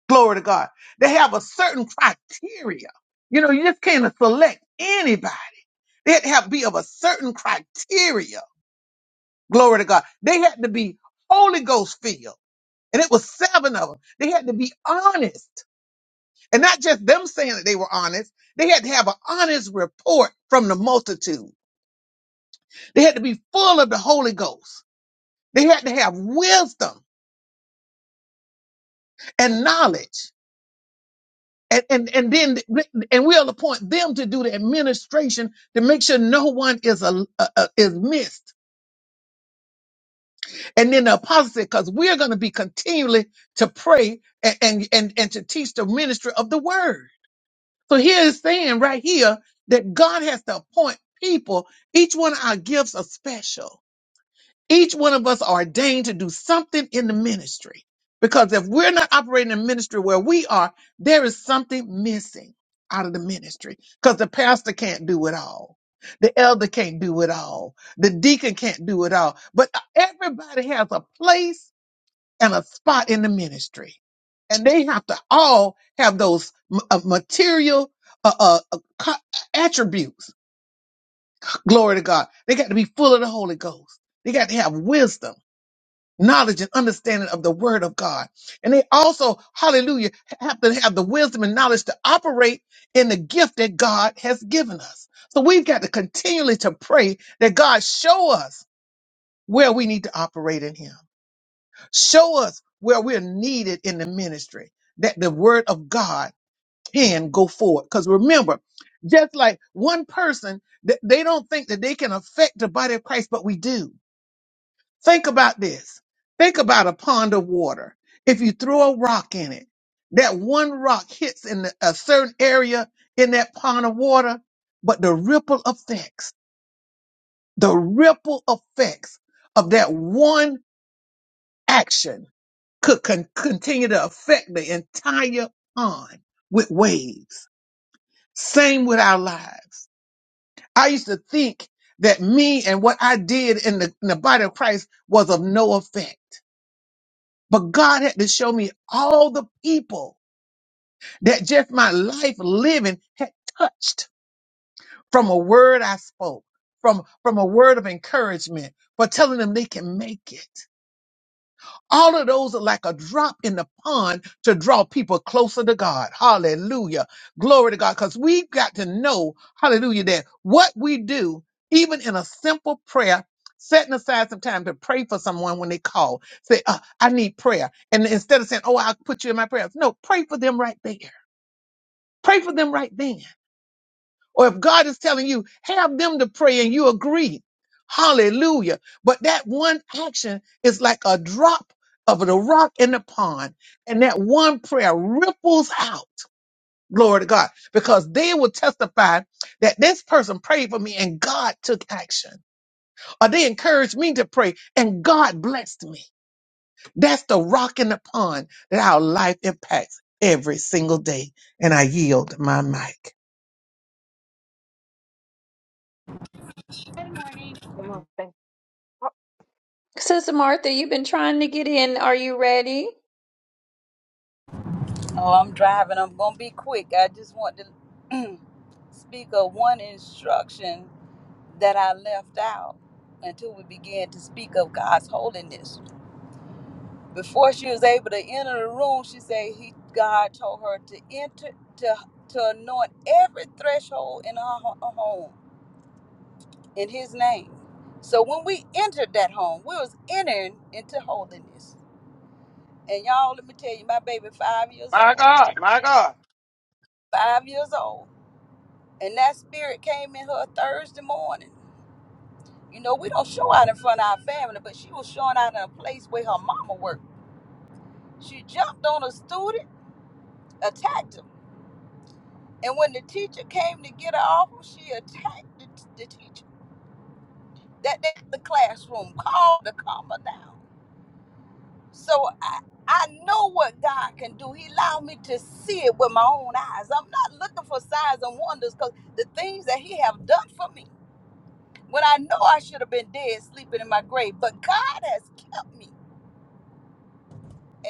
Speaker 1: Glory to God. They have a certain criteria. You know, you just can't select anybody. They had to have, be of a certain criteria. Glory to God. They had to be Holy Ghost filled. And it was seven of them. They had to be honest. And not just them saying that they were honest. They had to have an honest report from the multitude. They had to be full of the Holy Ghost. They had to have wisdom and knowledge. And, and and then and we'll appoint them to do the administration to make sure no one is a, a, a- is missed. And then the apostle said, because we're going to be continually to pray and, and and and to teach the ministry of the word. So here is saying right here that God has to appoint people. Each one of our gifts are special Each one of us are ordained to do something in the ministry because if we're not operating in ministry where we are, there is something missing out of the ministry because the pastor can't do it all. The elder can't do it all. The deacon can't do it all. But everybody has a place and a spot in the ministry. And they have to all have those m- uh, material uh, uh, uh, co- attributes. Glory to God. They got to be full of the Holy Ghost. They got to have wisdom knowledge and understanding of the word of God. And they also, hallelujah, have to have the wisdom and knowledge to operate in the gift that God has given us. So we've got to continually to pray that God show us where we need to operate in him. Show us where we're needed in the ministry that the word of God can go forward. Because remember, just like one person, th- they don't think that they can affect the body of Christ, but we do. Think about this. Think about a pond of water. If you throw a rock in it, that one rock hits in a certain area in that pond of water, but the ripple effects, the ripple effects of that one action could con- continue to affect the entire pond with waves. Same with our lives. I used to think that me and what I did in the, in the body of Christ was of no effect. But God had to show me all the people that just my life living had touched from a word I spoke, from, from a word of encouragement, for telling them they can make it. All of those are like a drop in the pond to draw people closer to God. Hallelujah. Glory to God. Because we've got to know, hallelujah, that what we do, even in a simple prayer, setting aside some time to pray for someone when they call, say, uh, I need prayer. And instead of saying, oh, I'll put you in my prayers. No, pray for them right there. Pray for them right then. Or if God is telling you, have them to pray and you agree. Hallelujah. But that one action is like a drop of the rock in the pond. And that one prayer ripples out. Glory to God. Because they will testify that this person prayed for me and God took action. Or they encouraged me to pray and God blessed me. That's the rock in the pond that our life impacts every single day. And I yield my mic.
Speaker 3: Good morning. Good morning.
Speaker 4: Sister Martha, you've been trying to get in. Are you ready?
Speaker 2: Oh, I'm driving. I'm going to be quick. I just want to speak of one instruction that I left out until we began to speak of God's holiness. Before she was able to enter the room, she said he God told her to enter to to anoint every threshold in her ho- home. in his name. So when we entered that home, we was entering into holiness. And y'all, let me tell you, my baby five years old. Five years old. And that spirit came in her Thursday morning. You know, we don't show out in front of our family, but she was showing out in a place where her mama worked. She jumped on a student, attacked him. And when the teacher came to get her off, she attacked the, the teacher. That day, the classroom called the calm down. So I, I know what God can do. He allowed me to see it with my own eyes. I'm not looking for signs and wonders because the things that He have done for me, when I know I should have been dead sleeping in my grave, but God has kept me.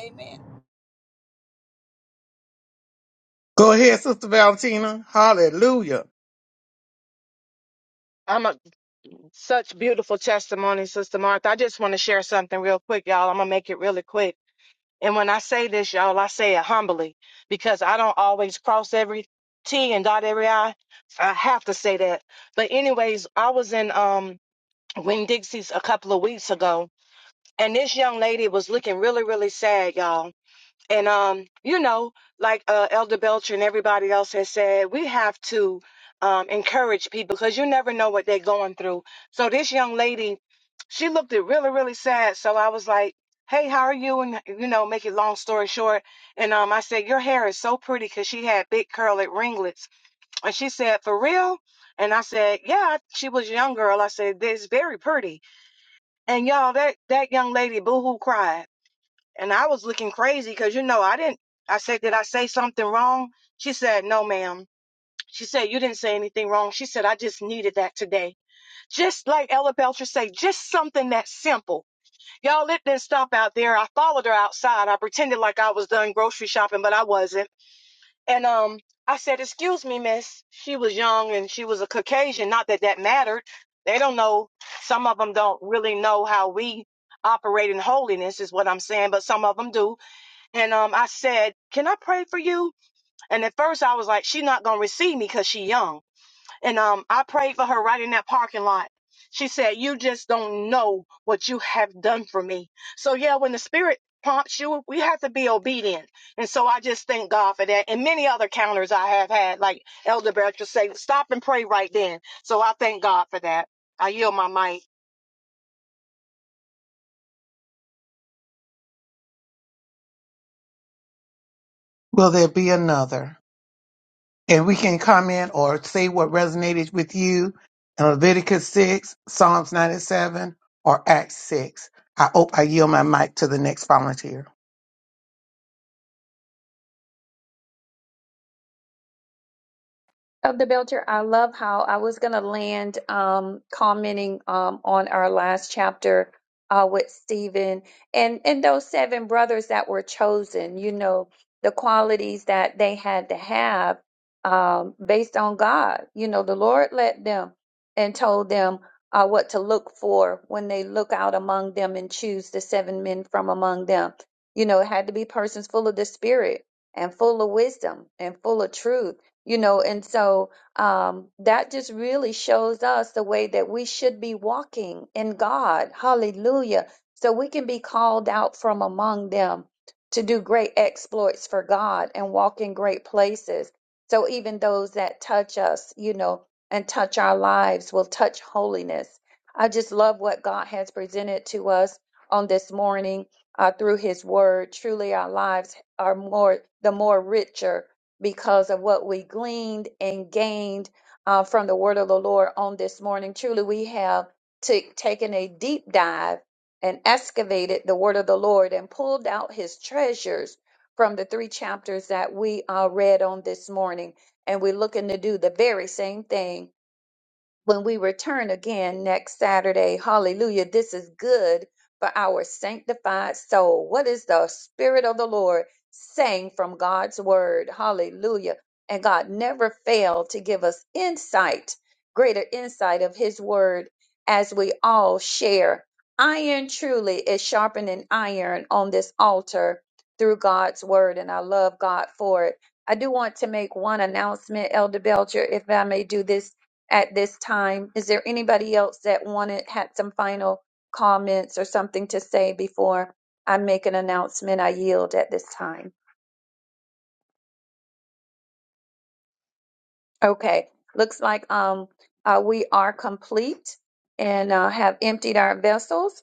Speaker 2: Amen.
Speaker 1: Go ahead, Sister Valentina.
Speaker 3: I'm a such beautiful testimony, Sister Martha. I just want to share something real quick, y'all. I'm gonna make it really quick. And when I say this, y'all, I say it humbly because I don't always cross every T and dot every I. I have to say that. But anyways, I was in um Winn Dixie's a couple of weeks ago, and this young lady was looking really, really sad, y'all and um, you know, like uh, Elder Belcher and everybody else has said, we have to um, encourage people because you never know what they're going through. So this young lady, she looked it really, really sad. So I was like, "Hey, how are you?" And you know, make it long story short. And um, I said, "Your hair is so pretty," because she had big curly ringlets. And she said, "For real?" And I said, "Yeah." She was a young girl. I said, "This is very pretty." And y'all, that that young lady boohoo cried. And I was looking crazy because, you know, I didn't, I said, did I say something wrong? She said, no, ma'am. She said, you didn't say anything wrong. She said, I just needed that today. Just like Ella Belcher say, just something that simple. Y'all, it didn't stop out there. I followed her outside. I pretended like I was done grocery shopping, but I wasn't. And, um, I said, excuse me, miss. She was young and she was a Caucasian. Not that that mattered. They don't know. Some of them don't really know how we operate in holiness is what I'm saying, but some of them do and um, I said, "Can I pray for you?" And at first, I was like, "She's not gonna receive me because she young." And um, I prayed for her right in that parking lot. She said, "You just don't know what you have done for me." So yeah, when the Spirit prompts you, we have to be obedient. And so I just thank God for that, and many other counters I have had, like Elder Bertrand say, "Stop and pray right then." So I thank God for that. I yield my mic.
Speaker 1: Will there be another? And we can comment or say what resonated with you in Leviticus 6, Psalms 97, or Acts 6. I hope I yield my mic to the next volunteer.
Speaker 4: of the Belcher, I love how I was going to land um, commenting um, on our last chapter uh, with Stephen and and those seven brothers that were chosen. You know the qualities that they had to have um, based on God. You know the Lord led them and told them uh, what to look for when they look out among them and choose the seven men from among them. You know it had to be persons full of the Spirit and full of wisdom and full of truth you know and so um that just really shows us the way that we should be walking in god hallelujah so we can be called out from among them to do great exploits for god and walk in great places so even those that touch us you know and touch our lives will touch holiness i just love what god has presented to us on this morning uh, through his word truly our lives are more the more richer because of what we gleaned and gained uh, from the word of the Lord on this morning. Truly, we have t- taken a deep dive and excavated the word of the Lord and pulled out his treasures from the three chapters that we uh, read on this morning. And we're looking to do the very same thing when we return again next Saturday. Hallelujah. This is good for our sanctified soul. What is the Spirit of the Lord saying from God's word? Hallelujah. And God never failed to give us insight, greater insight of His word as we all share. Iron truly is sharpening iron on this altar through God's word, and I love God for it. I do want to make one announcement, Elder Belcher, if I may do this at this time. Is there anybody else that wanted had some final comments or something to say before I make an announcement? I yield at this time. Okay, looks like um uh, we are complete and uh, have emptied our vessels.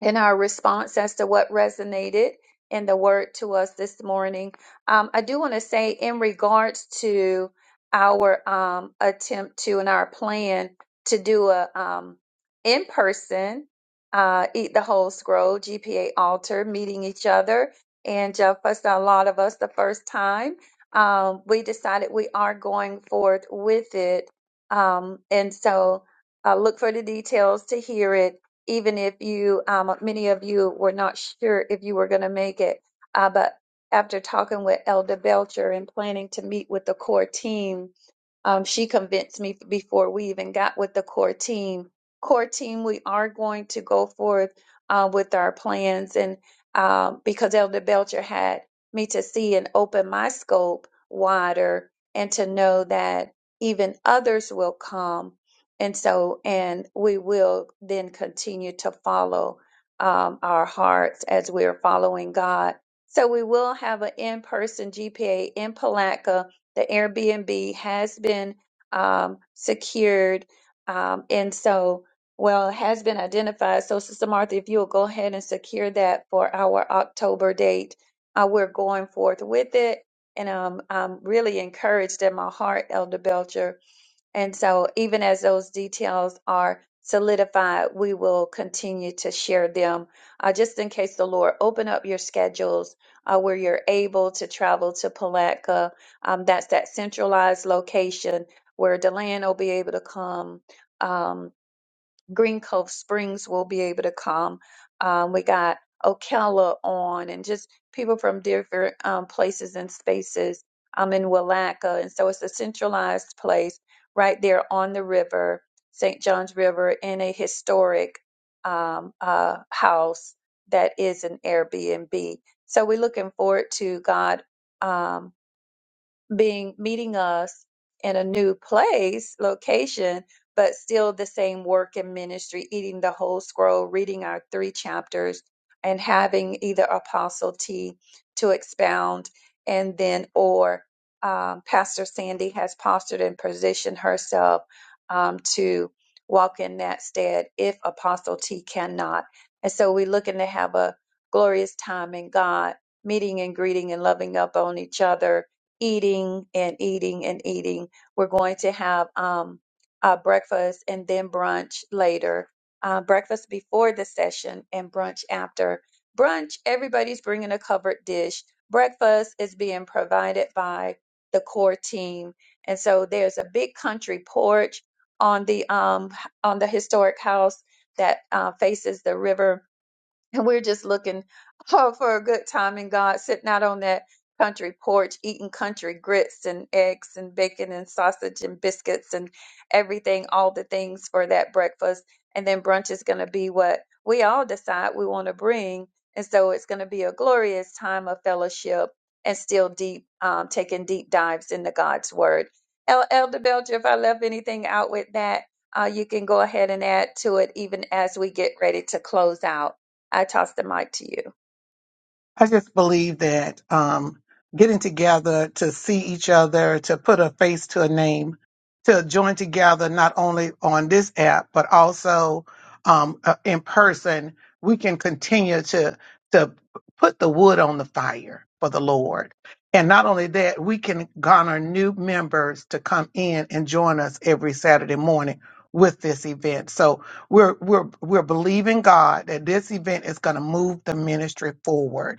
Speaker 4: in our response as to what resonated in the word to us this morning. Um, I do want to say, in regards to our um, attempt to and our plan to do a um, in person uh, eat the whole scroll GPA altar meeting each other and uh, for a lot of us the first time. Um, we decided we are going forth with it. Um, and so uh, look for the details to hear it even if you, um, many of you were not sure if you were going to make it. Uh, but after talking with Elder Belcher and planning to meet with the core team, um, she convinced me before we even got with the core team. Core team, we are going to go forth uh, with our plans, and um, because Elder Belcher had me to see and open my scope wider, and to know that even others will come, and so and we will then continue to follow um, our hearts as we are following God. So we will have an in-person GPA in Palatka the Airbnb has been um, secured. Um, and so, well, it has been identified. So, Sister Martha, if you'll go ahead and secure that for our October date, uh, we're going forth with it. And um, I'm really encouraged in my heart, Elder Belcher, and so, even as those details are solidified, we will continue to share them uh, just in case the Lord open up your schedules uh, where you're able to travel to Palatka. Um, that's that centralized location where Deland will be able to come. Um, Green Cove Springs will be able to come. Um, we got Ocala on, and just people from different um, places and spaces. I'm in Willaca, and so it's a centralized place right there on the river, St. John's River, in a historic um, uh, house that is an Airbnb. So we're looking forward to God. Um, being meeting us in a new place location but still the same work and ministry eating the whole scroll reading our three chapters and having either apostle t to expound and then or um, pastor sandy has postured and positioned herself um, to walk in that stead if apostle t cannot and so we're looking to have a glorious time in god meeting and greeting and loving up on each other eating and eating and eating. We're going to have um, uh, breakfast and then brunch later. Uh, breakfast before the session and brunch after. Brunch, everybody's bringing a covered dish. Breakfast is being provided by the core team, and so there's a big country porch on the um, on the historic house that uh, faces the river and we're just looking oh, for a good time in God, sitting out on that country porch, eating country grits and eggs and bacon and sausage and biscuits and everything, all the things for that breakfast. And then brunch is going to be what we all decide we want to bring. And so it's going to be a glorious time of fellowship and still deep, um, taking deep dives into God's word. El- Elder Belcher, if I left anything out with that, uh, you can go ahead and add to it even as we get ready to close out. I toss the mic to you.
Speaker 1: I just believe that um, getting together to see each other, to put a face to a name, to join together not only on this app but also um, uh, in person, we can continue to to put the wood on the fire for the Lord. And not only that, we can garner new members to come in and join us every Saturday morning with this event. So we're we're we're believing God that this event is going to move the ministry forward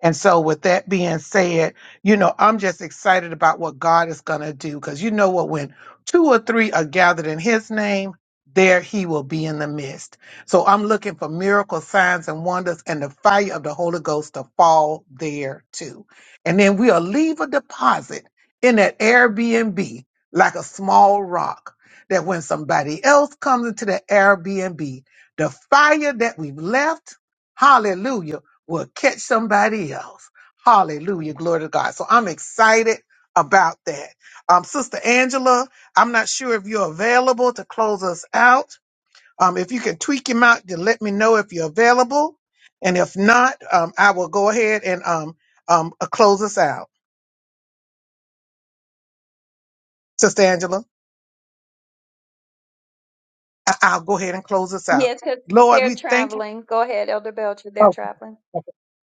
Speaker 1: and so, with that being said, you know, I'm just excited about what God is going to do because you know what? When two or three are gathered in His name, there He will be in the midst. So, I'm looking for miracle signs and wonders and the fire of the Holy Ghost to fall there too. And then we'll leave a deposit in that Airbnb like a small rock that when somebody else comes into the Airbnb, the fire that we've left, hallelujah will catch somebody else. Hallelujah. Glory to God. So I'm excited about that. Um, Sister Angela, I'm not sure if you're available to close us out. Um, if you can tweak him out to let me know if you're available. And if not, um, I will go ahead and um, um, uh, close us out. Sister Angela, I- I'll go ahead and close us out.
Speaker 4: Yes, because
Speaker 1: Lord,
Speaker 4: they're
Speaker 1: we thank you.
Speaker 4: traveling. Go ahead, Elder Belcher. They're traveling.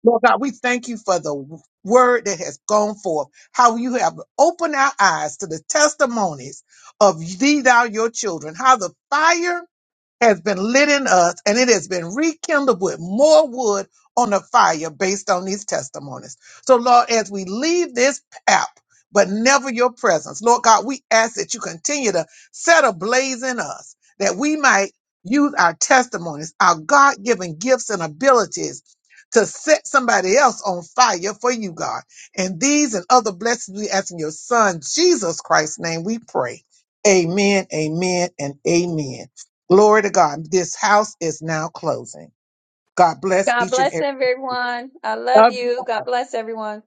Speaker 1: Lord God, we thank you for the word that has gone forth, how you have opened our eyes to the testimonies of these, our your children, how the fire has been lit in us and it has been rekindled with more wood on the fire based on these testimonies. So, Lord, as we leave this app, but never your presence, Lord God, we ask that you continue to set a blaze in us that we might use our testimonies, our God given gifts and abilities to set somebody else on fire for you, God. And these and other blessings we ask in your Son, Jesus Christ's name, we pray. Amen, amen, and amen. Glory to God. This house is now closing. God bless
Speaker 4: God
Speaker 1: each and
Speaker 4: bless
Speaker 1: every.
Speaker 4: everyone. I love you. God bless everyone.